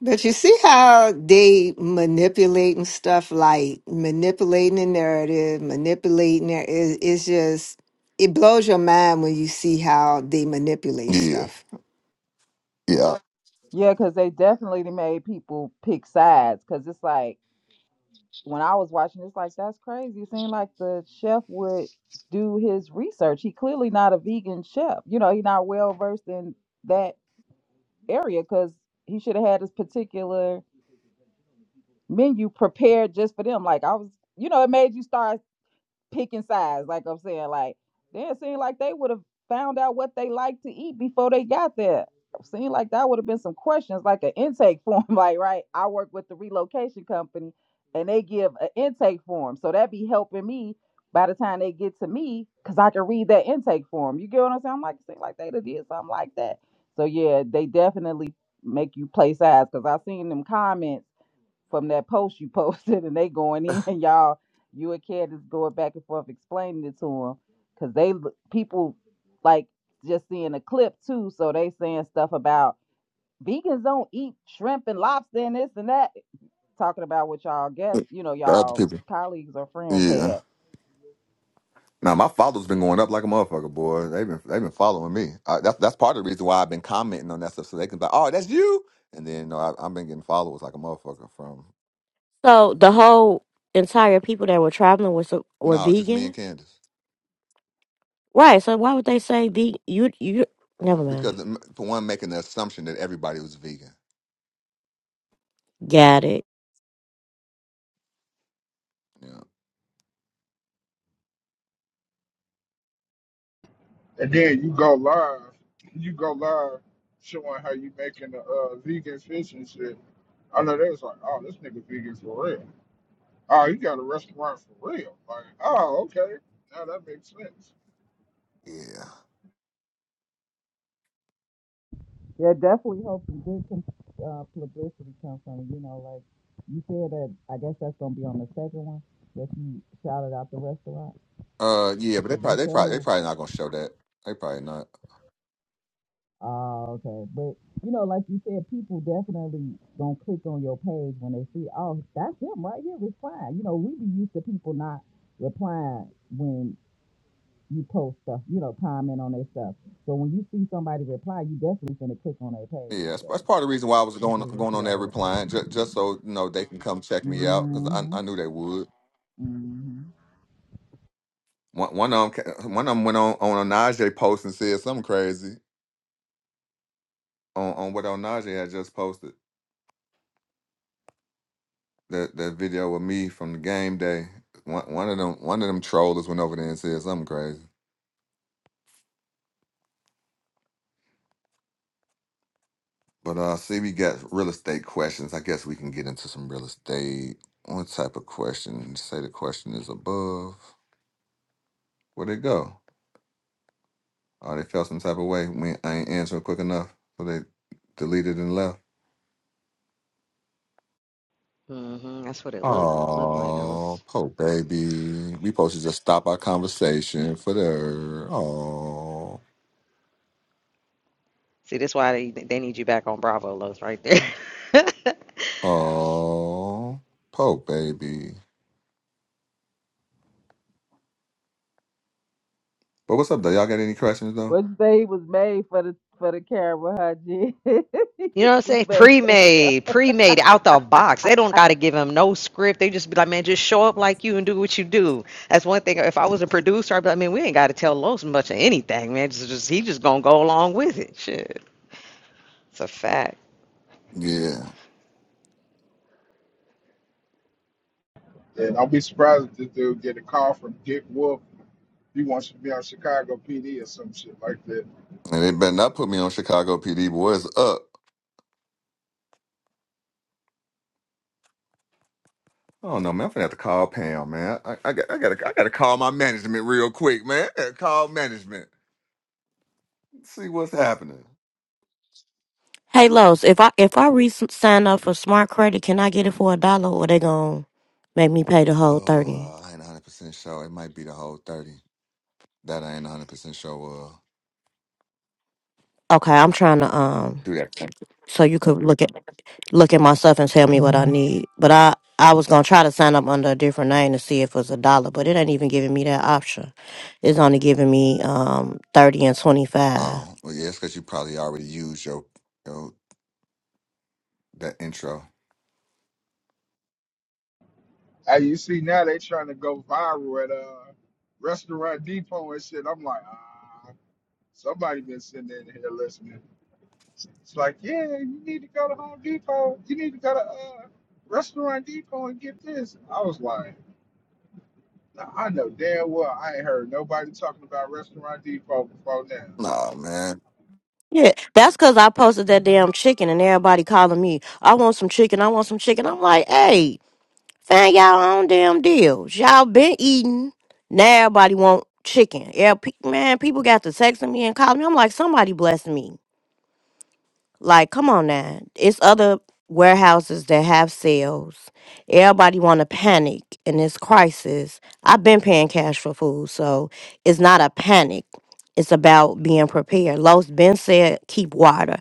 S4: But you see how they manipulating stuff, like manipulating the narrative, manipulating their. It, it's just it blows your mind when you see how they manipulate stuff.
S8: Yeah, because they definitely made people pick sides. Because it's like, when I was watching, it's like that's crazy. It seemed like the chef would do his research. He clearly not a vegan chef. You know, he not well versed in that area because he should have had this particular menu prepared just for them. Like I was, you know, it made you start picking sides, like I'm saying, like then it seemed like they would have found out what they like to eat before they got there. It Seemed like that would have been some questions, like an intake form. Like, right, I work with the relocation company and they give an intake form. So that be helping me by the time they get to me, because I can read that intake form. You get what I'm saying? I'm like, it seemed like they did something like that. So yeah, they definitely make you play sides because I seen them comments from that post you posted, and they going in, and y'all, you and Kat is going back and forth explaining it to them, cause they people like just seeing a clip too, so they saying stuff about vegans don't eat shrimp and lobster and this and that, talking about what y'all guests, you know, y'all colleagues or friends had.
S9: So the whole entire people that were traveling was were vegan, right? So why would they say vegan? You you never mind. Got it.
S11: And then you go live. You go live showing how you making the uh, vegan fish and shit. I know they was like, "Oh, this nigga vegan for real." Oh, you got a restaurant for real? Like, oh, okay. Now that makes sense.
S8: Yeah, definitely hope some good uh, publicity comes from it. You know, like you said that. I guess that's gonna be on the second one that you shouted out the restaurant because they showed Oh, okay. But you know, like you said, people definitely gonna click on your page when they see, oh, that's him right here replying. You know, we be used to people not replying when you post stuff, you know, comment on their stuff. So when you see somebody reply, you definitely gonna click on their page. So hopefully we'll see all of it. Mm-hmm. Mm-hmm.
S1: hmm That's what it looked looked like. I was see that's why they they need you back on Bravo Los right there.
S8: What you say he was made for the for the camera, huh, G? He
S1: You know what I'm
S8: was
S1: saying?
S8: made for that
S1: Pre-made, pre-made, out the box. They don't got to give them no script. They just be like, man, just show up like you and do what you do. That's one thing. If I was a producer, I'd be like, man, we ain't got to tell Los much of anything, man. Just, just he just gonna go along with it. Shit, it's a fact.
S11: And I'll be surprised if this dude get a call from Dick Wolf He wants you to be on Chicago PD or some shit like that.
S9: Hey Los, if I if I re sign up for smart credit, can I get it for a dollar or they gonna make me pay the whole thirty? Okay, I'm trying to um so you could look at look at my stuff and tell me what I need. But I I was gonna try to sign up under a different name to see if it was a dollar, but it ain't even giving me that option. It's only giving me um thirty and twenty five.
S11: Hey, you see now they trying to go viral at uh Restaurant Depot and shit. I'm like, ah, somebody been sitting in here listening. It's like, yeah, you need to go to Home Depot. You need to go to uh Restaurant Depot and get this. I was like, nah, I know damn well I ain't heard nobody talking about Restaurant Depot before now.
S9: Yeah, that's cause I posted that damn chicken and everybody calling me, I want some chicken, I want some chicken. I'm like, hey, Find y'all own damn deals. Y'all been eating. Now everybody want chicken. Yeah, pe- man, people got to texting me and calling me. I'm like, somebody bless me. Like, come on now. It's other warehouses that have sales. Everybody want to panic in this crisis. I've been paying cash for food, so it's not a panic. It's about being prepared. Lowe's been said, keep water.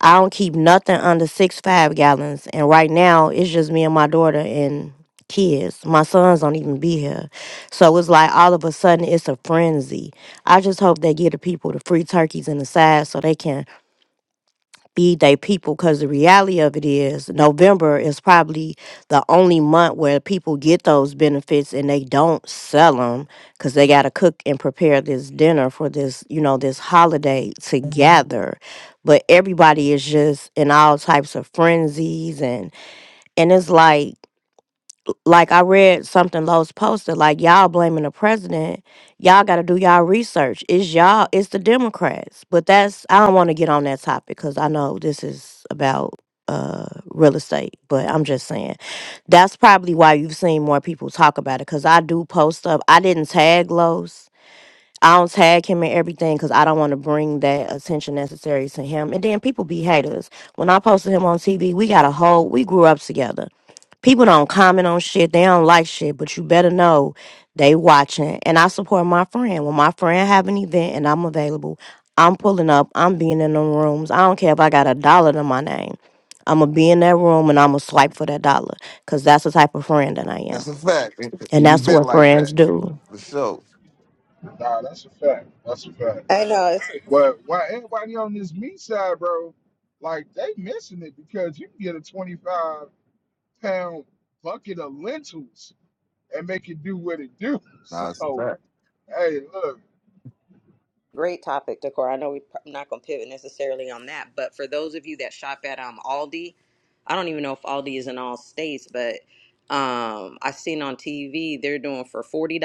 S9: I don't keep nothing under six five gallons. And right now, it's just me and my daughter and kids. My sons don't even be here. So it's like all of a sudden, it's a frenzy. I just hope they give the people the free turkeys and the sides so they can feed their people because the reality of it is November is probably the only month where people get those benefits and they don't sell them because they got to cook and prepare this dinner for this you know this holiday together but everybody is just in all types of frenzies and and it's like like I read something Lowe's posted, like y'all blaming the president. Y'all got to do y'all research. It's y'all, it's the Democrats. But that's I don't want to get on that topic because I know this is about uh real estate. But I'm just saying that's probably why you've seen more people talk about it because I do post up. I didn't tag Lowe's. I don't tag him in everything because I don't want to bring that attention necessary to him. And then people be haters. When I posted him on TV, we got a whole, we grew up together people don't comment on shit. They don't like shit, but you better know they watching. And I support my friend. When my friend have an event and I'm available, I'm pulling up. I'm being in the rooms. I don't care if I got a dollar to my name. I'ma be in that room and I'ma swipe for that dollar. Cause that's the type of friend that I am. And that's what friends do.
S11: Nah, that's a fact. That's a fact.
S1: I know.
S11: But why everybody on this meat side, bro, like they missing it because you can get a 25 pound bucket of lentils and make it do what it do. So, hey, look,
S1: Great topic, Decor. I know we're pro- not going to pivot necessarily on that, but for those of you that shop at um, Aldi, I don't even know if Aldi is in all states, but um, I've seen on TV they're doing for $40,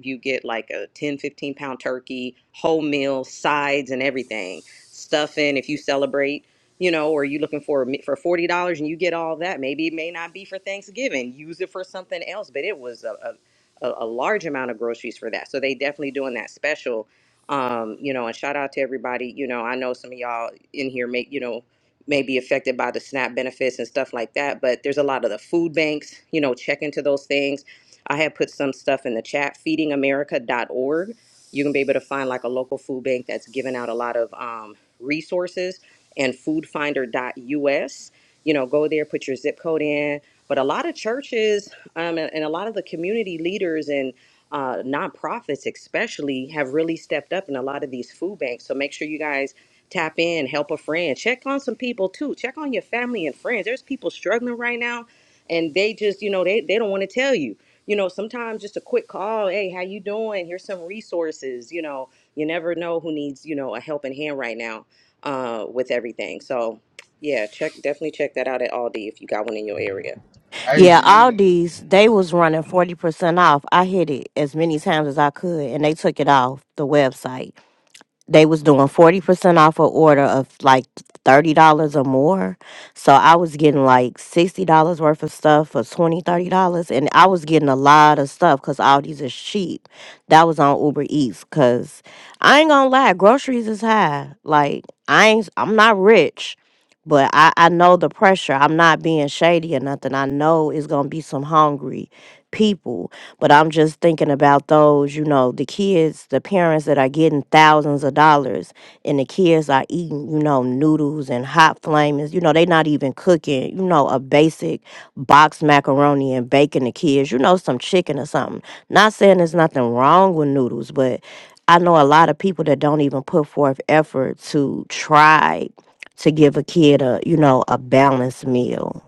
S1: you get like a ten, fifteen pound turkey, whole meal, sides, and everything. Stuffing if you celebrate, you know, or you looking for a me- for $40 and you get all that. Maybe it may not be for Thanksgiving, use it for something else, but it was a, a a, a large amount of groceries for that. So they definitely doing that special um, you know, and shout out to everybody. You know, I know some of y'all in here may, you know, may be affected by the SNAP benefits and stuff like that, but there's a lot of the food banks, you know, check into those things. I have put some stuff in the chat, feedingamerica.org. You can be able to find like a local food bank that's giving out a lot of um, resources and foodfinder.us. You know, go there, put your zip code in. But a lot of churches um, and and a lot of the community leaders and uh, nonprofits especially have really stepped up in a lot of these food banks. So make sure you guys tap in, help a friend, check on some people too, check on your family and friends. There's people struggling right now, and they just you know they they don't want to tell you. You know, sometimes just a quick call, hey, how you doing? Here's some resources. You know, you never know who needs you know a helping hand right now uh, with everything. So yeah, check definitely check that out at Aldi if you got one in your area.
S11: hey,
S9: Yeah, all these, they was running 40% off. I hit it as many times as I could and they took it off the website. they was doing 40% off a order of like $30 or more. So I was getting like $60 worth of stuff for twenty thirty dollars dollars And I was getting a lot of stuff because Aldi's is cheap. That was on Uber Eats because I ain't gonna lie, groceries is high. Like I ain't, I'm not rich. But I, I know the pressure. I'm not being shady or nothing. I know it's gonna be some hungry people but I'm just thinking about those, you know, the kids, the parents that are getting thousands of dollars and the kids are eating, you know, noodles and hot flamings. You know, they not even cooking, you know, a basic box macaroni and bacon the kids, you know, some chicken or something. Not saying there's nothing wrong with noodles, but I know a lot of people that don't even put forth effort to try to give a kid a, you know, a balanced meal.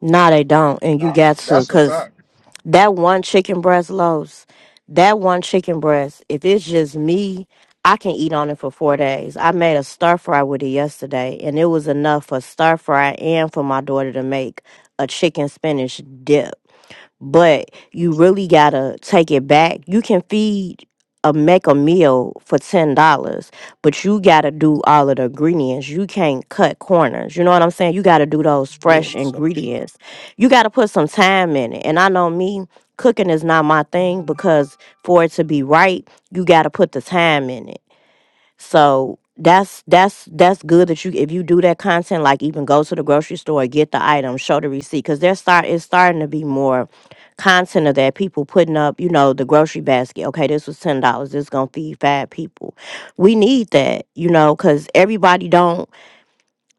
S9: No, they don't. And you
S11: nah,
S9: got to,
S11: that's a
S9: because
S11: fact.
S9: That one chicken breast loaves, that one chicken breast, if it's just me, I can eat on it for four days. I made a stir fry with it yesterday, and it was enough for stir fry and for my daughter to make a chicken spinach dip but you really gotta take it back. You can feed a make a meal for ten dollars, but you gotta do all of the ingredients. You can't cut corners. You know what I'm saying? You gotta do those fresh ingredients. You gotta put some time in it. And I know me, cooking is not my thing because for it to be right, you gotta put the time in it. So that's that's that's good that you if you do that content, like even go to the grocery store, get the item, show the receipt, because there's start it's starting to be more content of that. People putting up, you know, the grocery basket. Okay, this was ten dollars. This gonna feed five people. We need that, you know, because everybody don't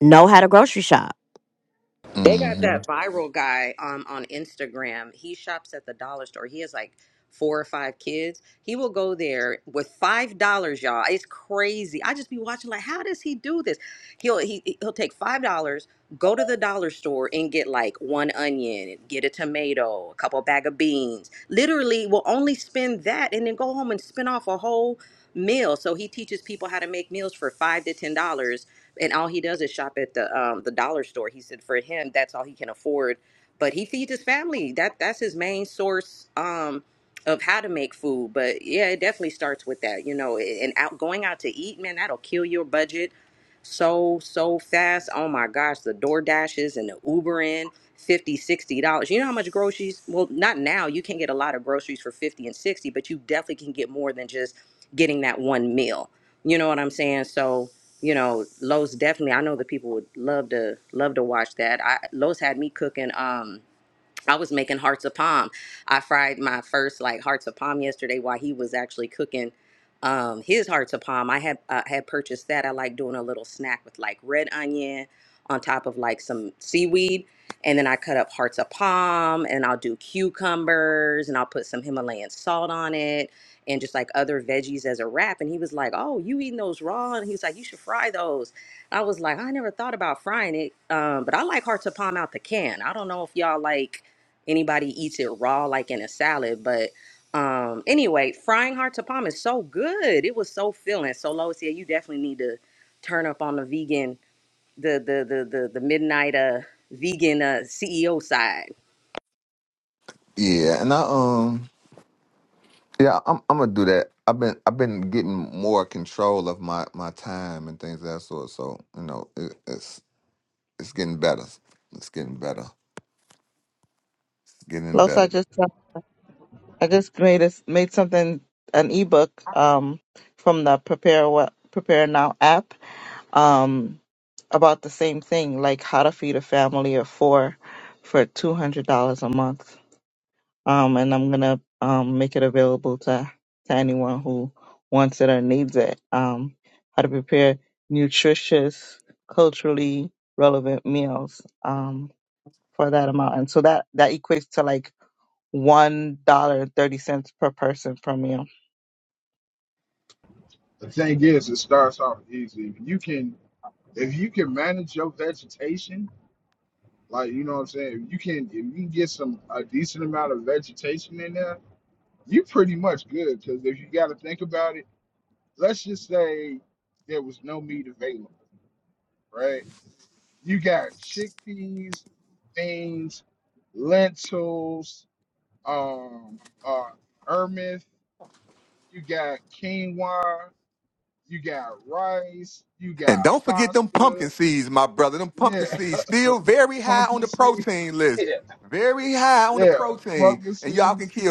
S9: know how to grocery shop.
S1: They got that viral guy um, on Instagram. He shops at the dollar store. He has like four or five kids. He will go there with five dollars, y'all. It's crazy. I just be watching like, how does he do this? He'll he, he'll take five dollars, go to the dollar store and get like one onion, get a tomato, a couple bag of beans. Literally, will only spend that and then go home and spin off a whole meal. So he teaches people how to make meals for five to ten dollars and all he does is shop at the um, the dollar store. He said for him that's all he can afford, but he feeds his family. That that's his main source um, of how to make food. But yeah, it definitely starts with that, you know. And out going out to eat, man, that'll kill your budget so so fast. Oh my gosh, the Door Dashes and the Ubering. 50 60 dollars you know how much groceries well not now you can get a lot of groceries for 50 and 60 but you definitely can get more than just getting that one meal you know what i'm saying so you know, Lowe's definitely. I know the people would love to love to watch that. I Lowe's had me cooking. Um, I was making hearts of palm. I fried my first like hearts of palm yesterday while he was actually cooking um, his hearts of palm. I had uh, had purchased that. I like doing a little snack with like red onion on top of like some seaweed, and then I cut up hearts of palm, and I'll do cucumbers, and I'll put some Himalayan salt on it, and just like other veggies as a wrap. And he was like, "Oh, you eating those raw?" And he was like, "You should fry those." I was like, I never thought about frying it, um, but I like hearts of palm out the can. I don't know if y'all like anybody eats it raw like in a salad but um anyway frying heart to palm is so good it was so filling so lois yeah you definitely need to turn up on the vegan the the the the, the midnight uh vegan uh ceo side
S12: Los, I just uh, I just made a, made something an ebook um from the Prepare Well Prepare Now app um about the same thing, like how to feed a family of four for two hundred dollars a month. Um, and I'm gonna um make it available to to anyone who wants it or needs it. Um, how to prepare nutritious, culturally relevant meals um for that amount, and so that that equates to like one dollar and thirty cents per person per meal.
S11: The thing is, it starts off easy. If you can, if you can manage your vegetation, like you know what I'm saying, if you can, if you can get some a decent amount of vegetation in there, you pretty much good. Because if you got to think about it let's just say there was no meat available, right? You got chickpeas, beans, lentils, um, uh, ermith, you got quinoa, you got rice, you got pasta, yeah, pumpkin seeds, yeah, yeah, pumpkin seeds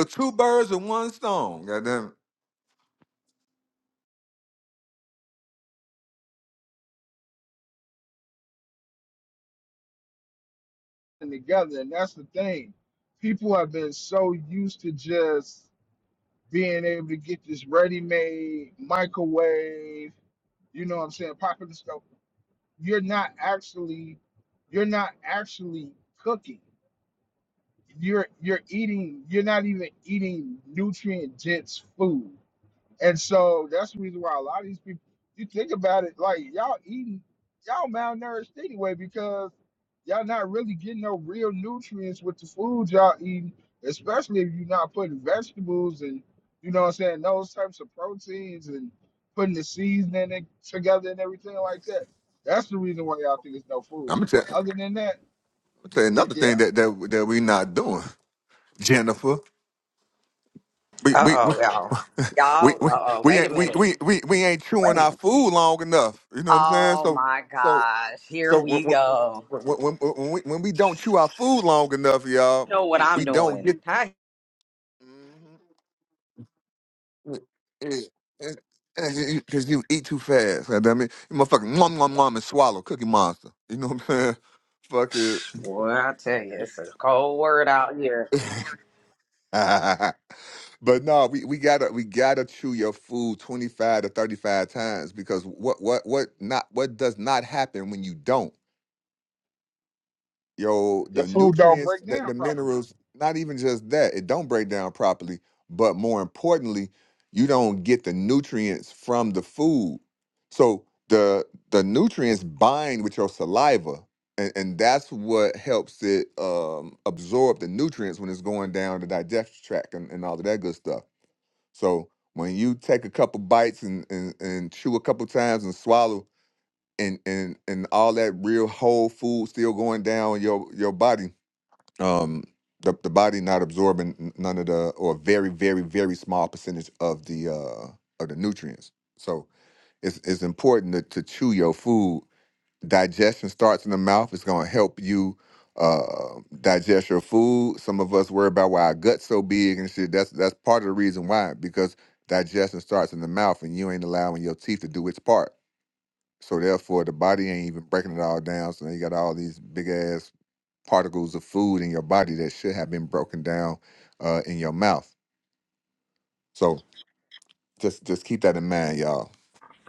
S11: and together. And that's the thing. People have been so used to just being able to get this ready-made microwave, you know what I'm saying, pop in the stove. You're not actually, you're not actually cooking. You're you're eating. You're not even eating nutrient dense food. And so that's the reason why a lot of these people, you think about it, like y'all eating, y'all malnourished anyway because y'all not really getting no real nutrients with the food y'all eating, especially if you're not putting vegetables and, you know what I'm saying, those types of proteins and putting the seasoning in- together and everything like that. That's the reason why y'all think it's no food. But other than that, yeah,
S1: Uh oh, y'all. Y'all, uh oh, wait a minute. Wait. Oh my gosh. Here we go. You know what I'm doing. Hi. Boy, I tell you, it's a cold word out here.
S11: your food don't break down properly.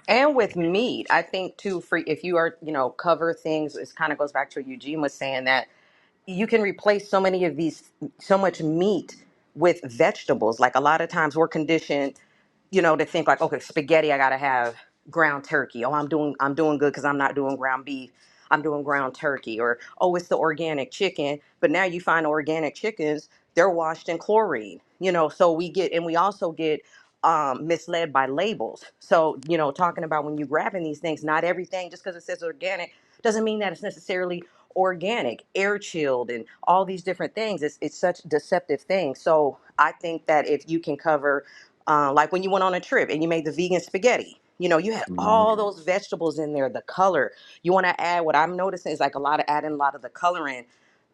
S1: And with meat, I think too, for if you are, you know, cover things, it kind of goes back to what Eugene was saying that you can replace so many of these so much meat with vegetables like a lot of times we're conditioned you know, to think like, okay, spaghetti, I gotta have ground turkey. Oh, I'm doing I'm doing good because I'm not doing ground beef. I'm doing ground turkey, or oh, it's the organic chicken. But now you find organic chickens, they're washed in chlorine. You know, so we get and we also get um, misled by labels. So you know, talking about when you grabbing these things, not everything just because it says organic doesn't mean that it's necessarily organic, air chilled, and all these different things. It's it's such deceptive things. So I think that if you can cover uh, like when you went on a trip and you made the vegan spaghetti you know you had all those vegetables in there the color you want to add what i'm noticing is like a lot of adding a lot of the coloring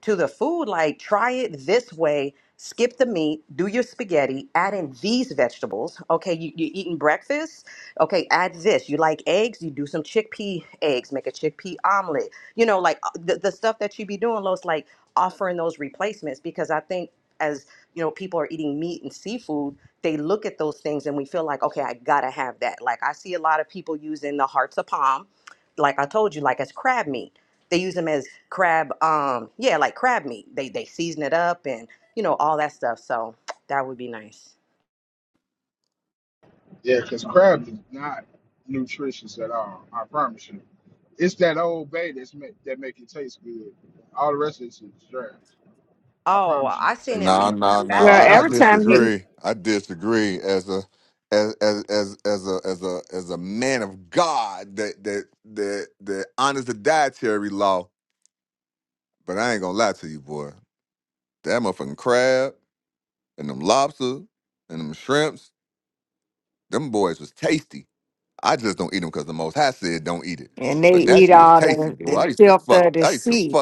S1: to the food like try it this way skip the meat do your spaghetti add in these vegetables okay you, you're eating breakfast okay add this you like eggs you do some chickpea eggs make a chickpea omelet you know, like uh, the, the stuff that you be doing, Los, like offering those replacements because I think as you know, people are eating meat and seafood, they look at those things and we feel like, okay, I gotta have that. Like I see a lot of people using the hearts of palm, like I told you, like as crab meat. They use them as crab, um, yeah, like crab meat. They they season it up and you know all that stuff. So that would be nice.
S11: Yeah, because crab is not nutritious at all. I promise you. It's that old bay that's make, that make it taste good. All the rest of it is trash. I
S1: Oh,
S11: promise you, you
S1: I seen it
S11: taste it
S1: made
S11: in the
S1: in a
S11: old bay.
S4: Well,
S1: factory.
S11: That's
S4: every
S11: what you
S4: time you
S11: taste.
S4: and they eat all the, the filth of the sea.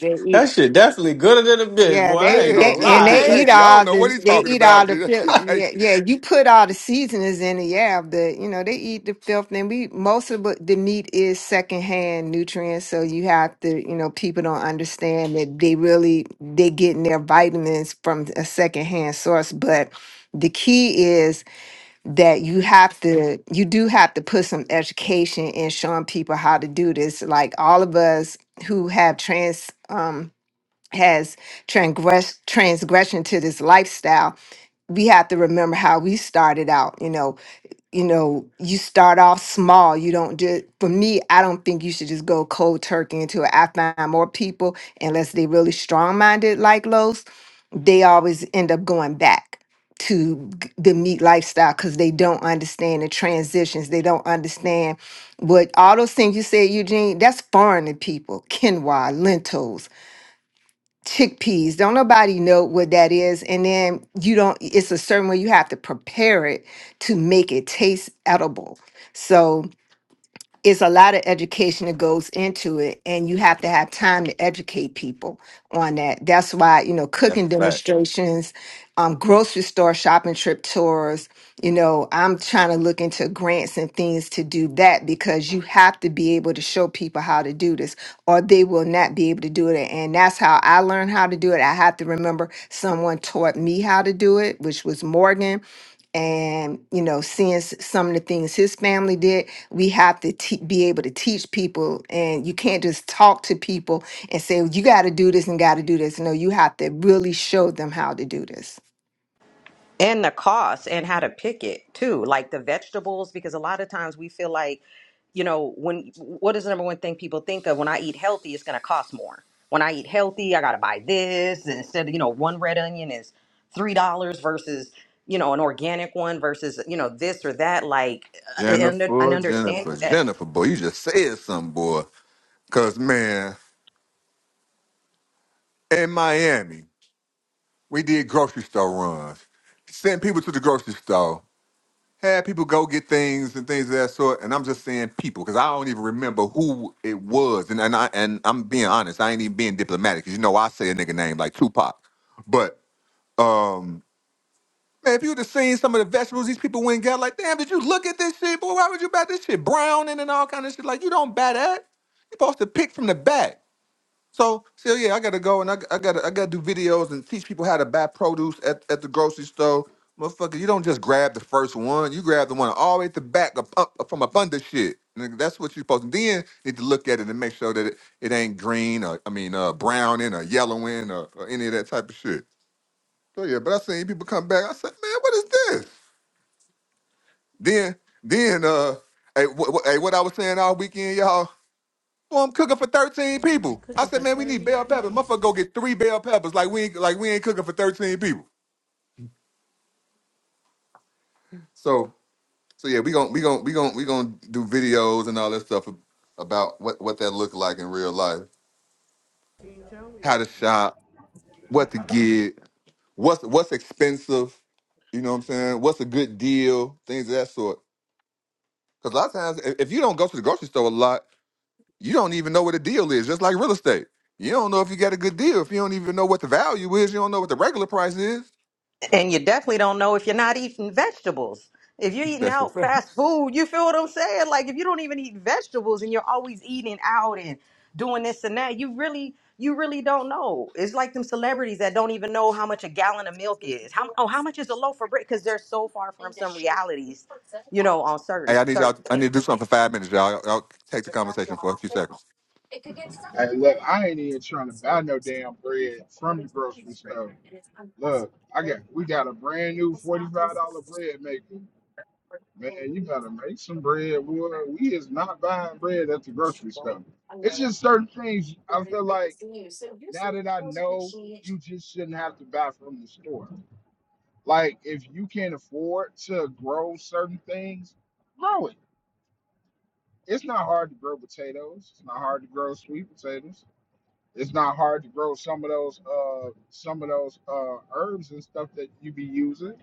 S4: They eat,
S13: That shit definitely gooder than a bitch,
S4: yeah,
S13: boy.
S4: they
S13: I ain't gonna
S4: they and they
S13: lie, ain't
S4: eat
S13: it?
S4: all this. They eat all the filth.
S13: I
S4: Yeah, yeah. You put all the seasonings in it. Yeah, the you know they eat the filth. And we most of what- the meat is secondhand nutrients, so you have to you know people don't understand that they really they getting their vitamins from a secondhand source. But the key is that you have to you do have to put some education in showing people how to do this like all of us who have trans um has transgress transgression to this lifestyle we have to remember how we started out you know you know you start off small you don't just for me i don't think you should just go cold turkey into it i find more people unless they really strong-minded like Los, they always end up going back to g- the meat lifestyle because they don't understand the transitions. They don't understand what all those things you said, Eugene, that's foreign to people. Quinoa, lentils, chickpeas. Don't nobody know what that is. And then you don't, it's a certain way you have to prepare it to make it taste edible. So it's a lot of education that goes into it and you have to have time to educate people on that that's why you know cooking demonstrations um, grocery store shopping trip tours you know i'm trying to look into grants and things to do that because you have to be able to show people how to do this or they will not be able to do it and that's how i learned how to do it i have to remember someone taught me how to do it which was morgan and you know seeing s- some of the things his family did we have to te- be able to teach people and you can't just talk to people and say you got to do this and got to do this no you have to really show them how to do this
S1: and the cost and how to pick it too like the vegetables because a lot of times we feel like you know when what is the number one thing people think of when i eat healthy it's going to cost more when i eat healthy i got to buy this and instead of you know one red onion is three dollars versus you know an organic one versus you know this or that like uh, and an understanding that
S14: I'm cooking for thirty people.
S1: And you definitely don't know if you're not eating vegetables. If you're eating out fast food, you feel what I'm saying? Like if you don't even eat vegetables and you're always eating out and doing this and that, you really you really don't know. It's like them celebrities that don't even know how much a gallon of milk is. How oh how much is a loaf of bread? Because they're so far from some realities, you know, on certain certain things.
S11: Hey, look, I ain't even trying to buy no damn bread from the grocery store. Look, I got we got a brand new forty-five dollar bread maker. Man, you better make some bread. Wood. We is not buying bread at the grocery store. It's just certain things I feel like now that I know you just shouldn't have to buy from the store. Like if you can't afford to grow certain things, grow it. It's not hard to grow potatoes. It's not hard to grow sweet potatoes. It's not hard to grow some of those uh some of those uh herbs and stuff that you be using.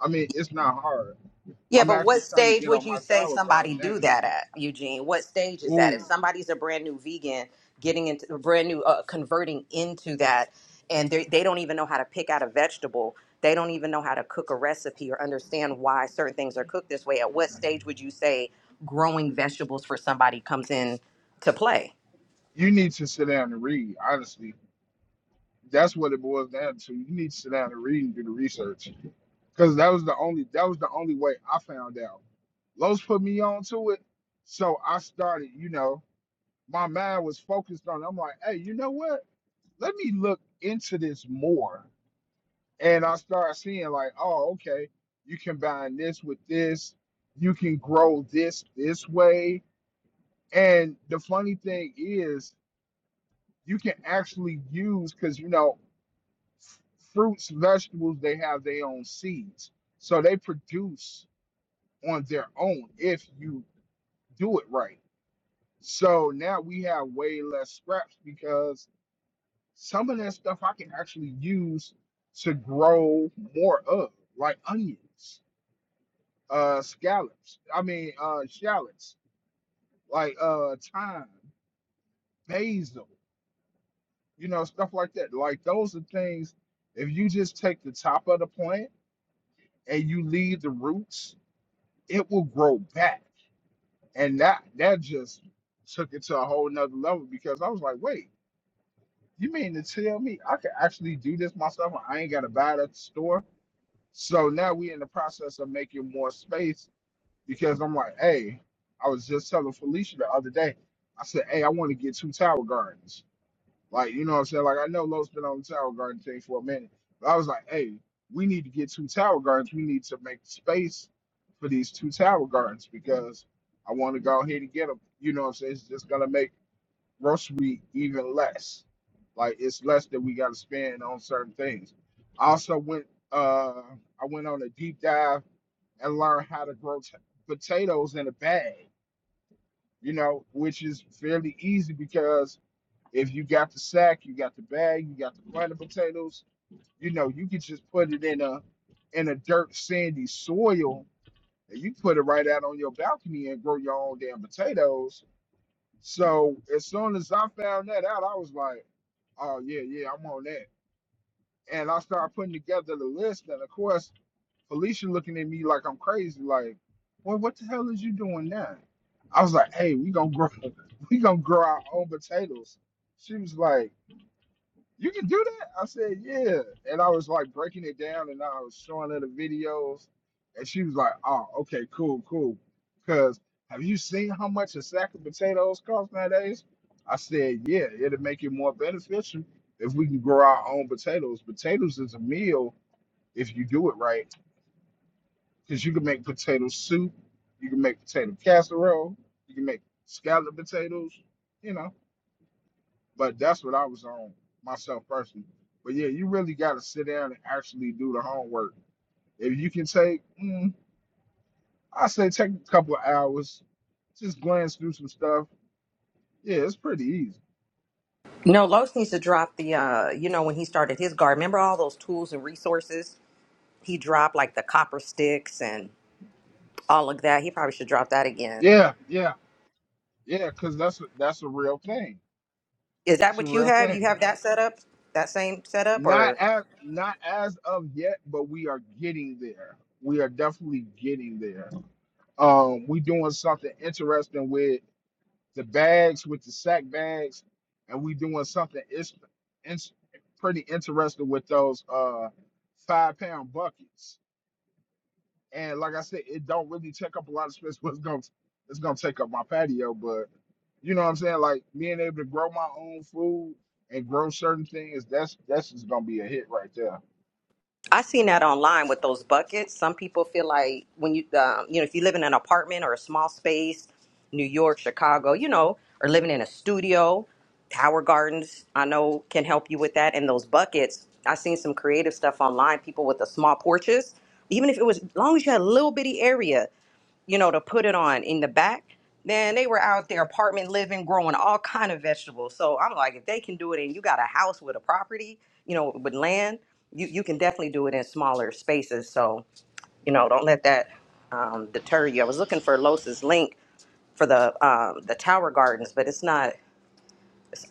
S11: I mean, it's not hard.
S1: Yeah,
S11: I'm
S1: but
S11: actually
S1: what
S11: trying to
S1: stage
S11: get
S1: would
S11: on
S1: you
S11: my
S1: say
S11: tower garden
S1: somebody do
S11: now.
S1: that at, Eugene? What stage is that? If
S11: Ooh,
S1: somebody's a brand new vegan, getting into a brand new, uh, converting into that, and they they don't even know how to pick out a vegetable, they don't even know how to cook a recipe or understand why certain things are cooked this way. At what stage would you say growing vegetables for somebody comes in to play?
S11: you need to sit down and read, honestly. That's what it boils down to. You need to sit down and read and do the research because that was the only that was the only way I found out. Los put me on to it, so I started. You know, my mind was focused on. it. I'm like, hey, you know what? Let me look into this more, and I started seeing like, oh, okay, you combine this with this, you can grow this this way, and the funny thing is, you can actually use because you know, f- fruits, vegetables, they have their own seeds, so they produce on their own if you do it right. So now we have way less scraps because some of that stuff I can actually use to grow more of, like onions, uh, scallops, I mean, uh, shallots, like uh, thyme, basil, you know, stuff like that. Like those are things, if you just take the top of the plant and you leave the roots, it will grow back And that that just took it to a whole nother level because I was like, wait, you mean to tell me I can actually do this myself and I ain't gotta buy it at the store? So now we in the process of making more space because I'm like, hey, I was just telling Felicia the other day. I said, hey, I want to get two tower gardens. Like, you know what I'm saying? Like, I know Lowe's been on the Tower Garden thing for a minute, but I was like, hey, we need to get two Tower Gardens. We need to make space for these two Tower Gardens because I want to go ahead and get them. You know what I'm saying? It's just going to make grocery even less. Like, it's less that we got to spend on certain things. I also went, uh, I went on a deep dive and learned how to grow t- potatoes in a bag, you know, which is fairly easy because if you got the sack, you got the bag, you got the planted potatoes. You know, you can just put it in a in a dirt sandy soil, and you put it right out on your balcony and grow your own damn potatoes. So as soon as I found that out, I was like, oh yeah, yeah, I'm on that. And I started putting together the list, and of course, Felicia looking at me like I'm crazy, like, well, what the hell is you doing now? I was like, hey, we gonna grow, we gonna grow our own potatoes. She was like you can do that? I said, yeah. And I was like breaking it down and I was showing her the videos. And she was like, oh, okay, cool, cool. Because have you seen how much a sack of potatoes cost nowadays? I said, yeah, it'll make it more beneficial if we can grow our own potatoes. Potatoes is a meal if you do it right, because you can make potato soup, you can make potato casserole, you can make scalloped potatoes, you know. But that's what I was on myself personally. But yeah, you really got to sit down and actually do the homework. If you can take, mm, I say take a couple of hours, just glance through some stuff. Yeah, it's pretty easy.
S1: No, Los needs to drop the, uh, you know, when he started his garden, remember all those tools and resources? He dropped like the copper sticks and all of that. He probably should drop that again
S11: Yeah, yeah, yeah, because that's a, that's a real thing.
S1: Is that
S11: That's a
S1: what you
S11: real
S1: have? You
S11: thing.
S1: have that setup, that same setup,
S11: Not
S1: or
S11: as not as of yet, but we are getting there. We are definitely getting there. Um, we doing something interesting with the bags with the sack bags, and we doing something it's, it's pretty interesting with those uh five pound buckets. And like I said, it don't really take up a lot of space. What's gonna it's gonna take up my patio, but you know what I'm saying? Like being able to grow my own food and grow certain things, that's that's just gonna be a hit right there.
S1: I seen that online with those buckets. Some people feel like when you, um, you know, if you live in an apartment or a small space, New York, Chicago, you know, or living in a studio, Howard Gardens, I know can help you with that. And those buckets, I seen some creative stuff online. People with the small porches, even if it was, as long as you had a little bitty area. you know, to put it on in the back, man, they were out there apartment living, growing all kind of vegetables. So I'm like, if they can do it and you got a house with a property, you know, with land, you, you can definitely do it in smaller spaces. So, you know, don't let that um, deter you. I was looking for Los's link for the um, the tower gardens, but it's not. it's-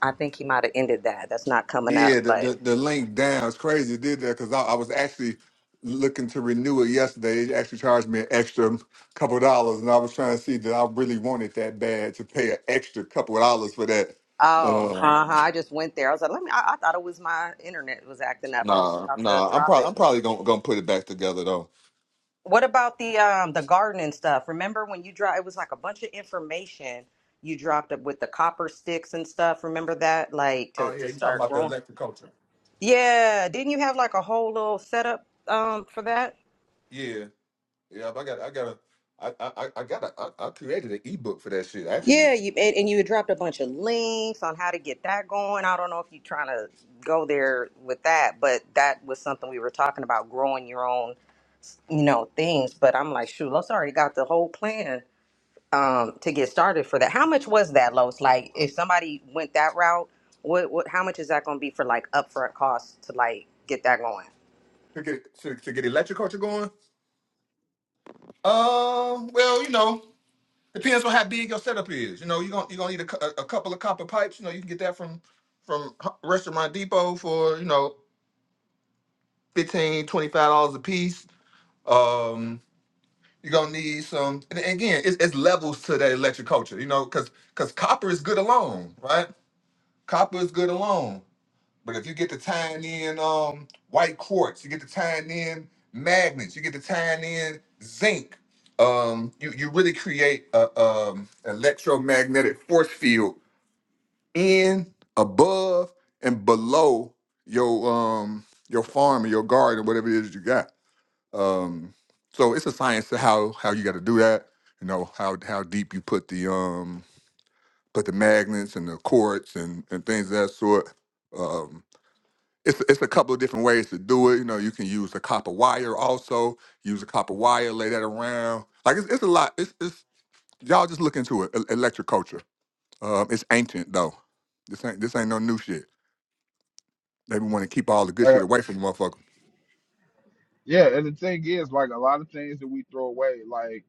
S1: I think he might have ended that. That's not coming up. But oh, uh-huh. I just went there. I was like, let me. I, I thought it was my internet was acting up. I was about to drop it. What about the um the gardening stuff? Remember when you dropped it was like a bunch of information you dropped up with the copper sticks and stuff. Remember that? Like to to start growing. Yeah, didn't you have like a whole little setup um for that? Yeah, you and, and you had dropped a bunch of links on how to get that going. I don't know if you're trying to go there with that, but that was something we were talking about growing your own, you know, things. But I'm like, shoot, Los already got the whole plan. um to get started for that. How much was that, Lois? Like if somebody went that route, what what how much is that gonna be for like upfront costs to like get that going?
S11: Like yeah, and the thing is, like a lot of things that we throw away, like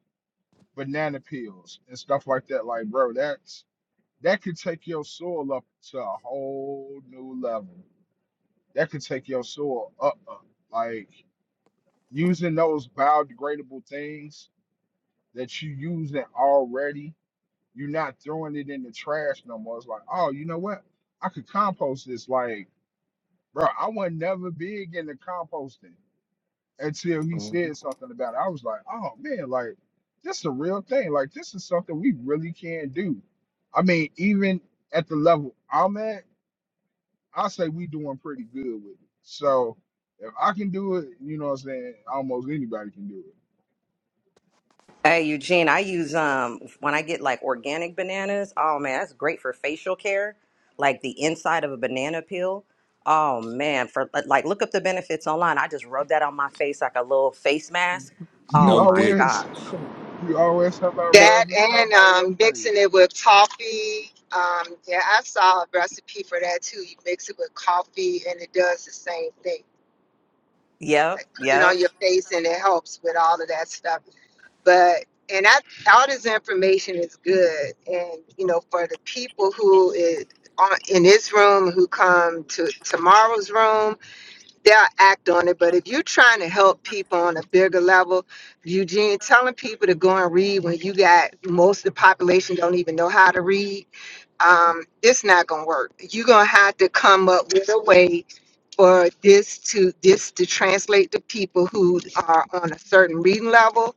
S11: banana peels and stuff like that, like bro, that's that could take your soul up to a whole new level. That could take your soul up, up. Like using those biodegradable things that you using already, you're not throwing it in the trash no more. It's like, oh, you know what? I could compost this. Like, bro, I was never big into composting until he said something about it. I was like, oh man, like this a real thing. Like this is something we really can do. I mean, even at the level I'm at I say we doing pretty good with it. So if I can do it, you know what I'm saying? Almost anybody can do it.
S1: Hey Eugene, I use um when I get like organic bananas, oh man, that's great for facial care. Like the inside of a banana peel. Oh man, for like like, look up the benefits online. I just rub that on my face like a little face mask.
S11: You
S1: Oh my
S11: always
S1: gosh.
S11: you always have about
S1: That,
S4: That
S11: rubbing something
S4: and
S11: on your
S4: um, mixing
S11: face.
S4: it with coffee. Um, yeah, I saw a recipe for that too. You mix it with coffee and it does the same thing.
S1: yep,
S4: Like put it
S1: yep.
S4: on your face and it helps with all of that stuff. But and I, all this information is good. And you know, for the people who is on, in this room who come to tomorrow's room they'll act on it. But if you're trying to help people on a bigger level, Eugene, telling people to go and read when you got most of the population don't even know how to read, um, it's not gonna work. You're gonna have to come up with a way for this to this to translate to people who are on a certain reading level,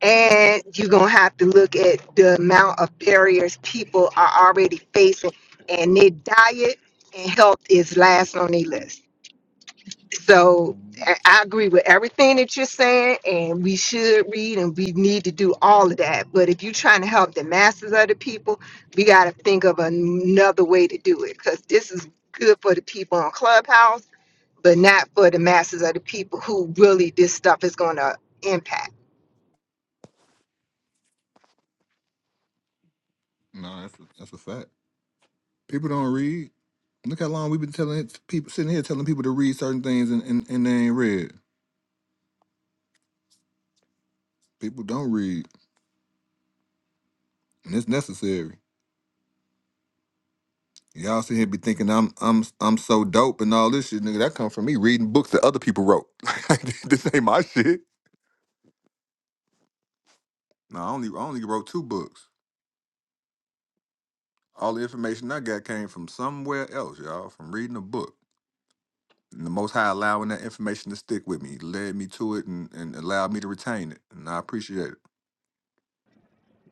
S4: and you're gonna have to look at the amount of barriers people are already facing, and their diet and health is last on their list. So I I agree with everything that you're saying, and we should read and we need to do all of that. But if you're trying to help the masses of the people, we got to think of another way to do it because this is good for the people on Clubhouse, but not for the masses of the people who really this stuff is going to impact.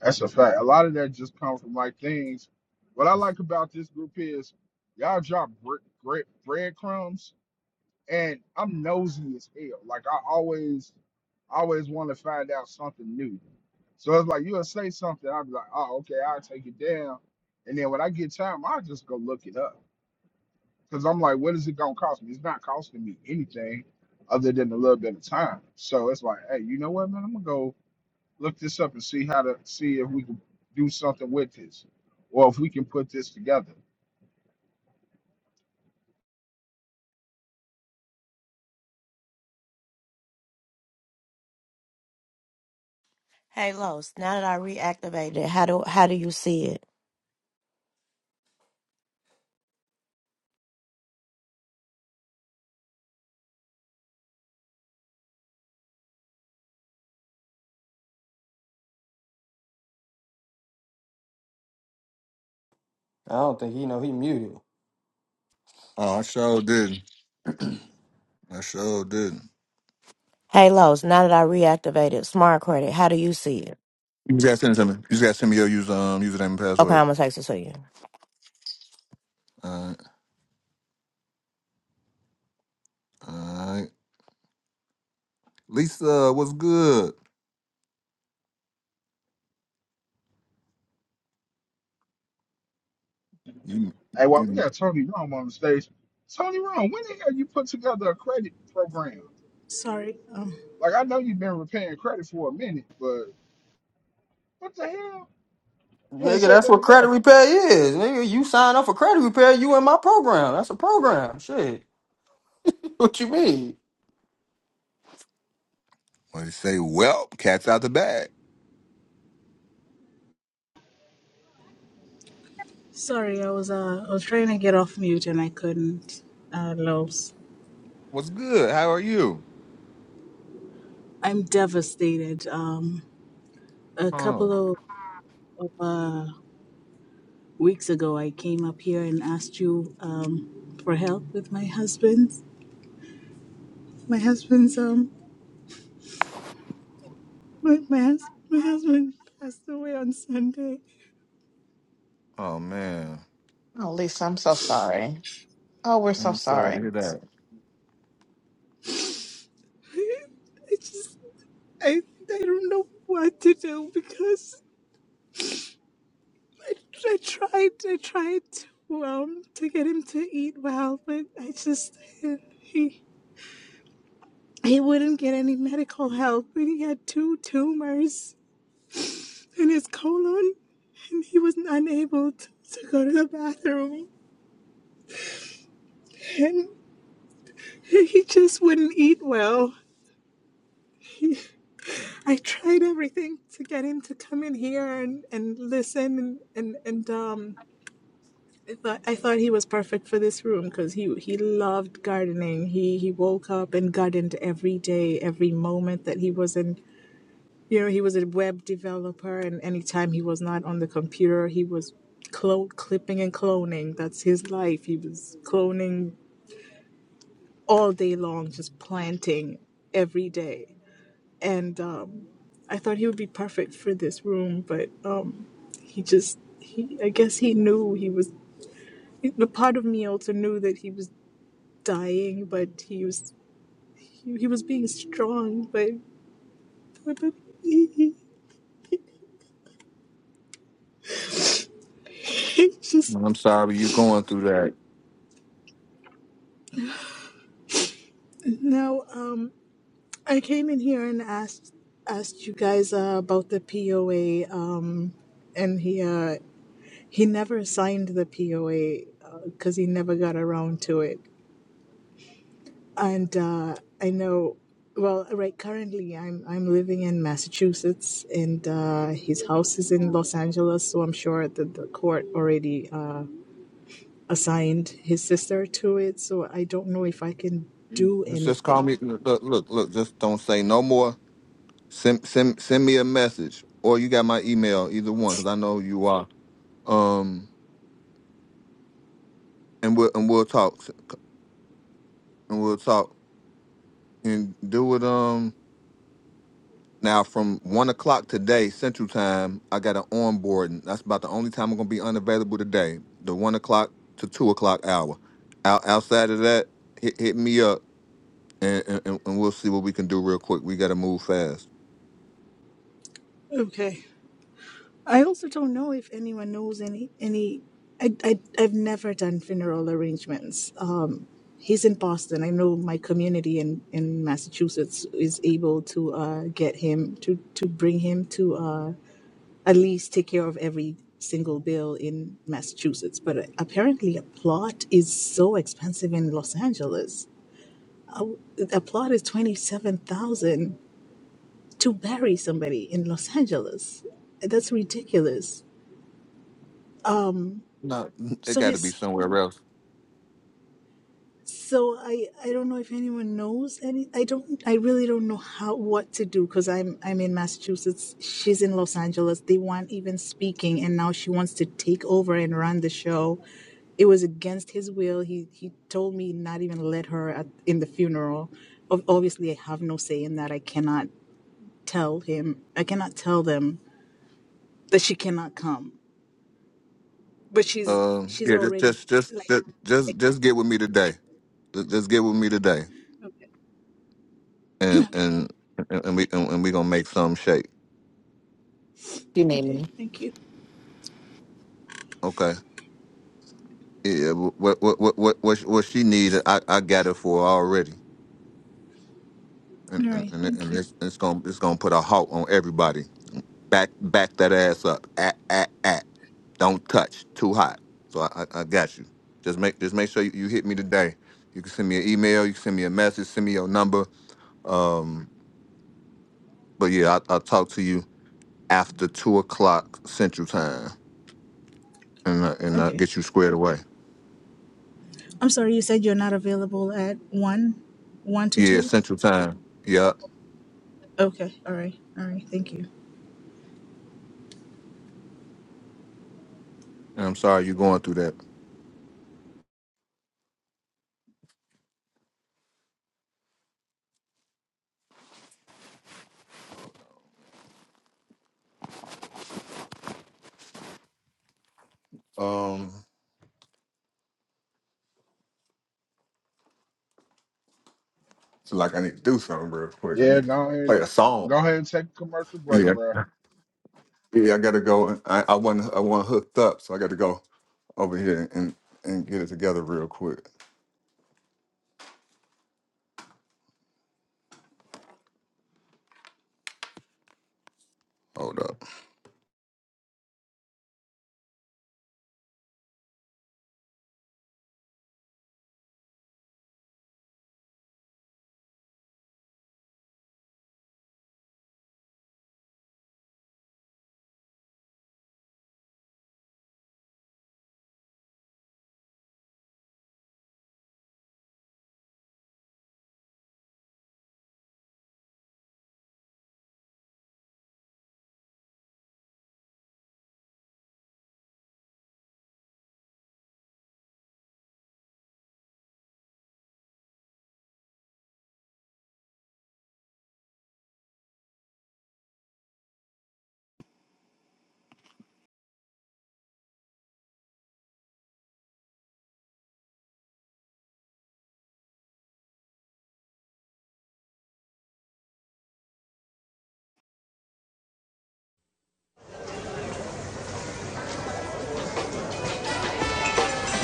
S11: That's a fact. A lot of that just comes from like things. What I like about this group is y'all drop great bread, breadcrumbs and I'm nosy as hell. Like I always always want to find out something new. So it's like you'll say something, I'll be like, oh okay, I'll take it down. And then when I get time, I'll just go look it up. because I'm like, what is it gonna cost me? It's not costing me anything other than a little bit of time. So it's like, hey, you know what, man? I'm gonna go look this up and see how to see if we can do something with this, or if we can put this together.
S9: Hey Los, now that I reactivated, how do how do you see it?
S13: don't think he know he muted.
S9: Hey Los, now that I reactivated smart credit, how do you see it? Okay, I'm gonna text it to you.
S11: Hey, well, we got Tony Rome on the stage. Tony Rome, when the hell you put together a credit program?
S15: Sorry, um,
S11: Like I know you've been repaying credit for a minute, but what the hell? You ain't
S13: Nigga,
S11: say
S13: that's
S11: nothing
S13: what credit
S11: about it.
S13: repair is. Nigga, you sign up for credit repair, you in my program. That's a program. Shit. What you mean?
S15: sorry, I was uh, I was trying to get off mute and I couldn't. Uh, Los, I'm devastated. Um, a couple of, of uh, weeks ago, I came up here and asked you um, for help with my husband. my husband's um my my, hus- my husband passed away on Sunday.
S2: Oh, Lisa, I'm so sorry. Oh, we're so sorry.
S15: I just I I don't know what to do because. I I tried, I tried to um to get him to eat well, but I just he he wouldn't get any medical help, and he had two tumors in his colon, and he was unable to, to go to the bathroom, and he just wouldn't eat well. I tried everything to get him to come in here and and listen and and and um I thought I thought he was perfect for this room because he he loved gardening. He he woke up and gardened every day, every moment that he was in. You know, he was a web developer, and anytime he was not on the computer, he was clo- clipping and cloning. That's his life. He was cloning all day long, just planting every day. And um, I thought he would be perfect for this room, but um, he just he I guess he knew he was. The part of me also knew that he was dying, but he was he, he was being strong, but, but, but it's just now. Um, I came in here and asked asked you guys uh, about the POA, um, and he uh, he never signed the POA because uh, he never got around to it, and uh, I know. Well, right currently I'm I'm living in Massachusetts and uh, his house is in Los Angeles, so I'm sure that the court already uh, assigned his sister to it, so I don't know if I can do anything. Okay. I also don't know if anyone knows any any. I I I've never done funeral arrangements. Um, he's in Boston. I know my community in in Massachusetts is able to uh get him to to bring him to uh at least take care of every single bill in Massachusetts. But apparently, a plot is so expensive in Los Angeles Oh, the plot is 27,000 to bury somebody in Los Angeles. That's ridiculous. So his so I I don't know if anyone knows any I don't I really don't know how what to do cuz I'm I'm in Massachusetts, she's in Los Angeles. They weren't even speaking and now she wants to take over and run the show. It was against his will. He he told me not even let her at, in the funeral. Ob- Obviously, I have no say in that. I cannot tell him. I cannot tell them that she cannot come, but she's she's already like, like okay, okay, Th-
S2: You need
S15: okay.
S2: me.
S15: Thank you. All right, thank you. Okay, I'm sorry. You said you're not available at one, one to two. Okay, all right, all right. Thank you.
S11: Yeah, go ahead, go ahead and take a commercial break, bruh.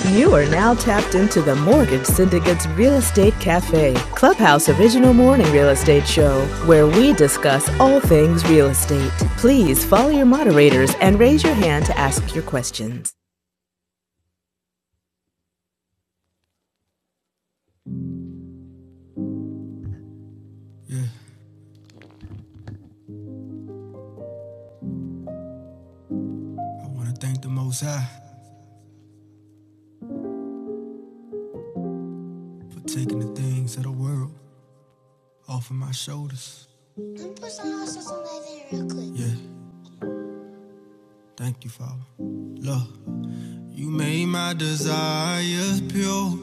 S16: You are now tapped into the Mortgage Syndicate's Real Estate Cafe, Clubhouse Original Morning Real Estate Show, where we discuss all things real estate. Please follow your moderators and raise your hand to ask your questions. I want to thank the Most High for taking the things of the world off of my shoulders. Yeah, thank you, Father. Love, you made my desires pure.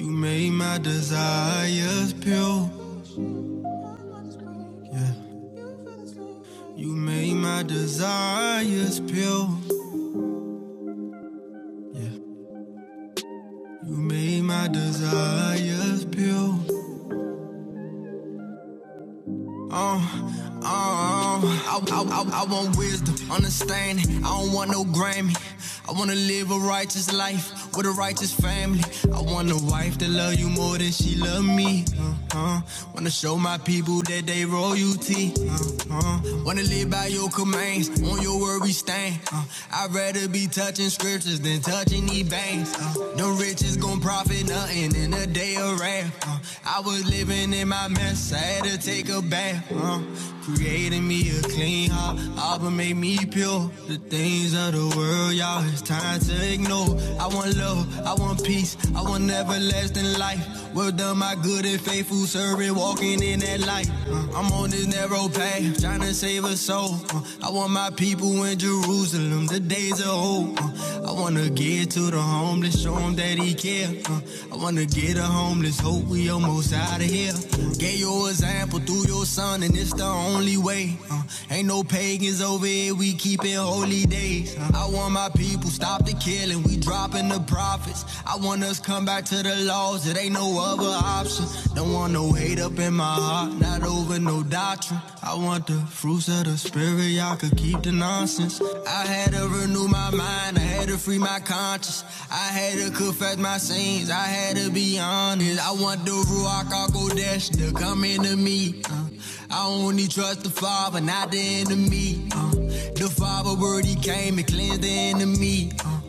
S16: You made my desires pure. Yeah. You made my desires pure. Yeah. You made my desires pure. Oh, oh, oh. I, I, I, I want wisdom, understanding. I don't want no Grammy. I wanna live a righteous life with a righteous family. I want a wife that love you more than she love me. Uh-huh. Wanna show my people that they royalty. Uh-huh. Wanna live by your commands, on your word we stand. Uh, I'd rather be touching scriptures than touching these bangs. Uh, them riches gon' profit nothing nothing in a day of rap. uh. I was living in my mess, I had to take a bath. Uh. Creating me a clean heart, Abba made me pure. The things of the world, y'all, it's time to ignore. I want love, I want peace, I want everlasting life. Well done, my good and faithful servant, walking in that light. Uh, I'm on this narrow path, trying to save a soul. Uh, I want my people in Jerusalem them the days are old. uh. I wanna get to the homeless, show him that he care. uh. I wanna get a homeless, hope we almost out of here. uh, Gave your example through your son, and it's the only way. uh. Ain't no pagans over here, we keepin' holy days. uh. I want my people stop the killing, we dropping the profits. I want us come back to the laws, it ain't no other option. Don't want no hate up in my heart, not over no Doctrine. I want the fruits of the spirit, y'all could keep the nonsense. I had to renew my mind, I had to free my conscience. I had to confess my sins, I had to be honest. I want the Ruach Al Kodesh to come into me. uh. I only trust the Father, not the enemy. uh. The Father word, He came and cleansed the enemy. uh.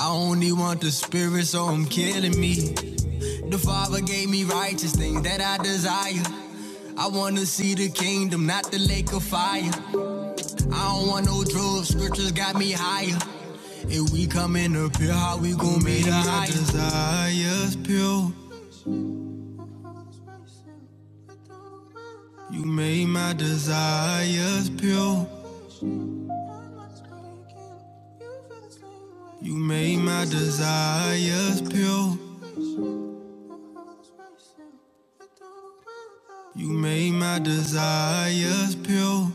S16: I only want the spirit, so I'm killing me. The Father gave me righteous things that I desire. I wanna see the kingdom, not the lake of fire. I don't want no drugs, scriptures got me higher. If we coming up here, how we gon' be the highest? You made my Desires pure, you made my desires pure. You made my desires pure.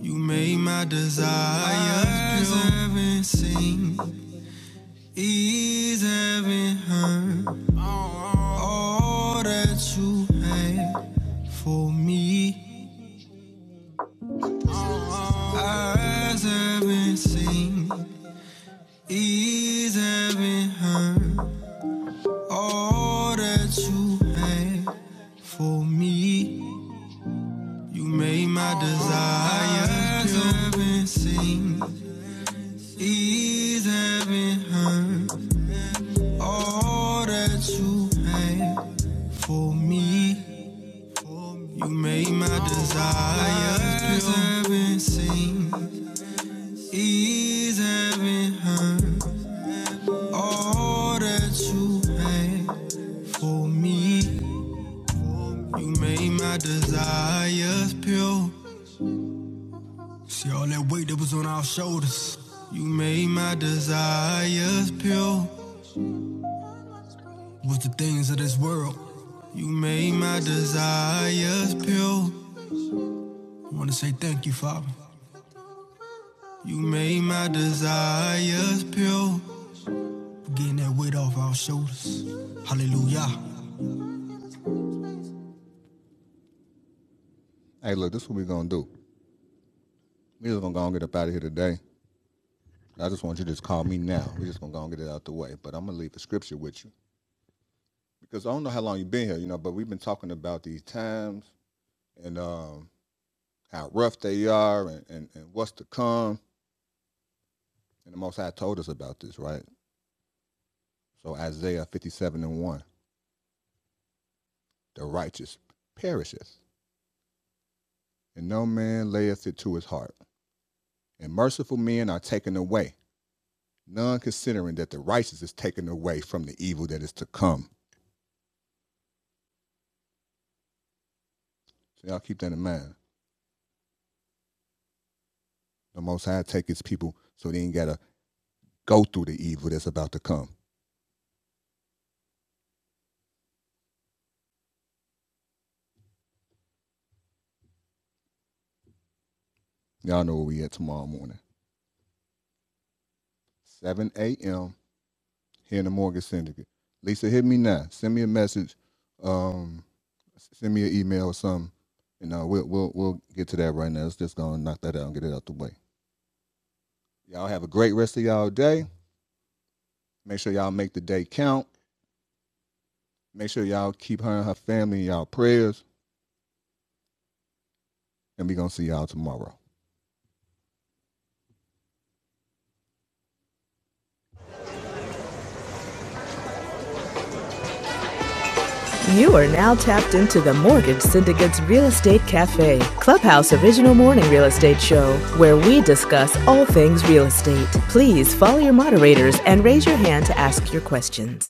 S16: You made my desires pure. You made my desires pure. My Eyes haven't seen, He's having her all that you had for me. Eyes haven't seen. He's having her all that you had for me. You made my desire. Eyes haven't seen. He's having her all that you had for me. You made my desires haven't seen, ease haven't heard. All that you had for me, you made my desires pure. See all that weight that was on our shoulders. You made my desires pure with the things of this world. You made my desires pure. I wanna say thank you, Father. You made my desires pure. Getting that weight off our shoulders. Hallelujah. You are now tapped into the Mortgage Syndicate's Real Estate Cafe, Clubhouse Original Morning Real Estate Show, where we discuss all things real estate. Please follow your moderators and raise your hand to ask your questions.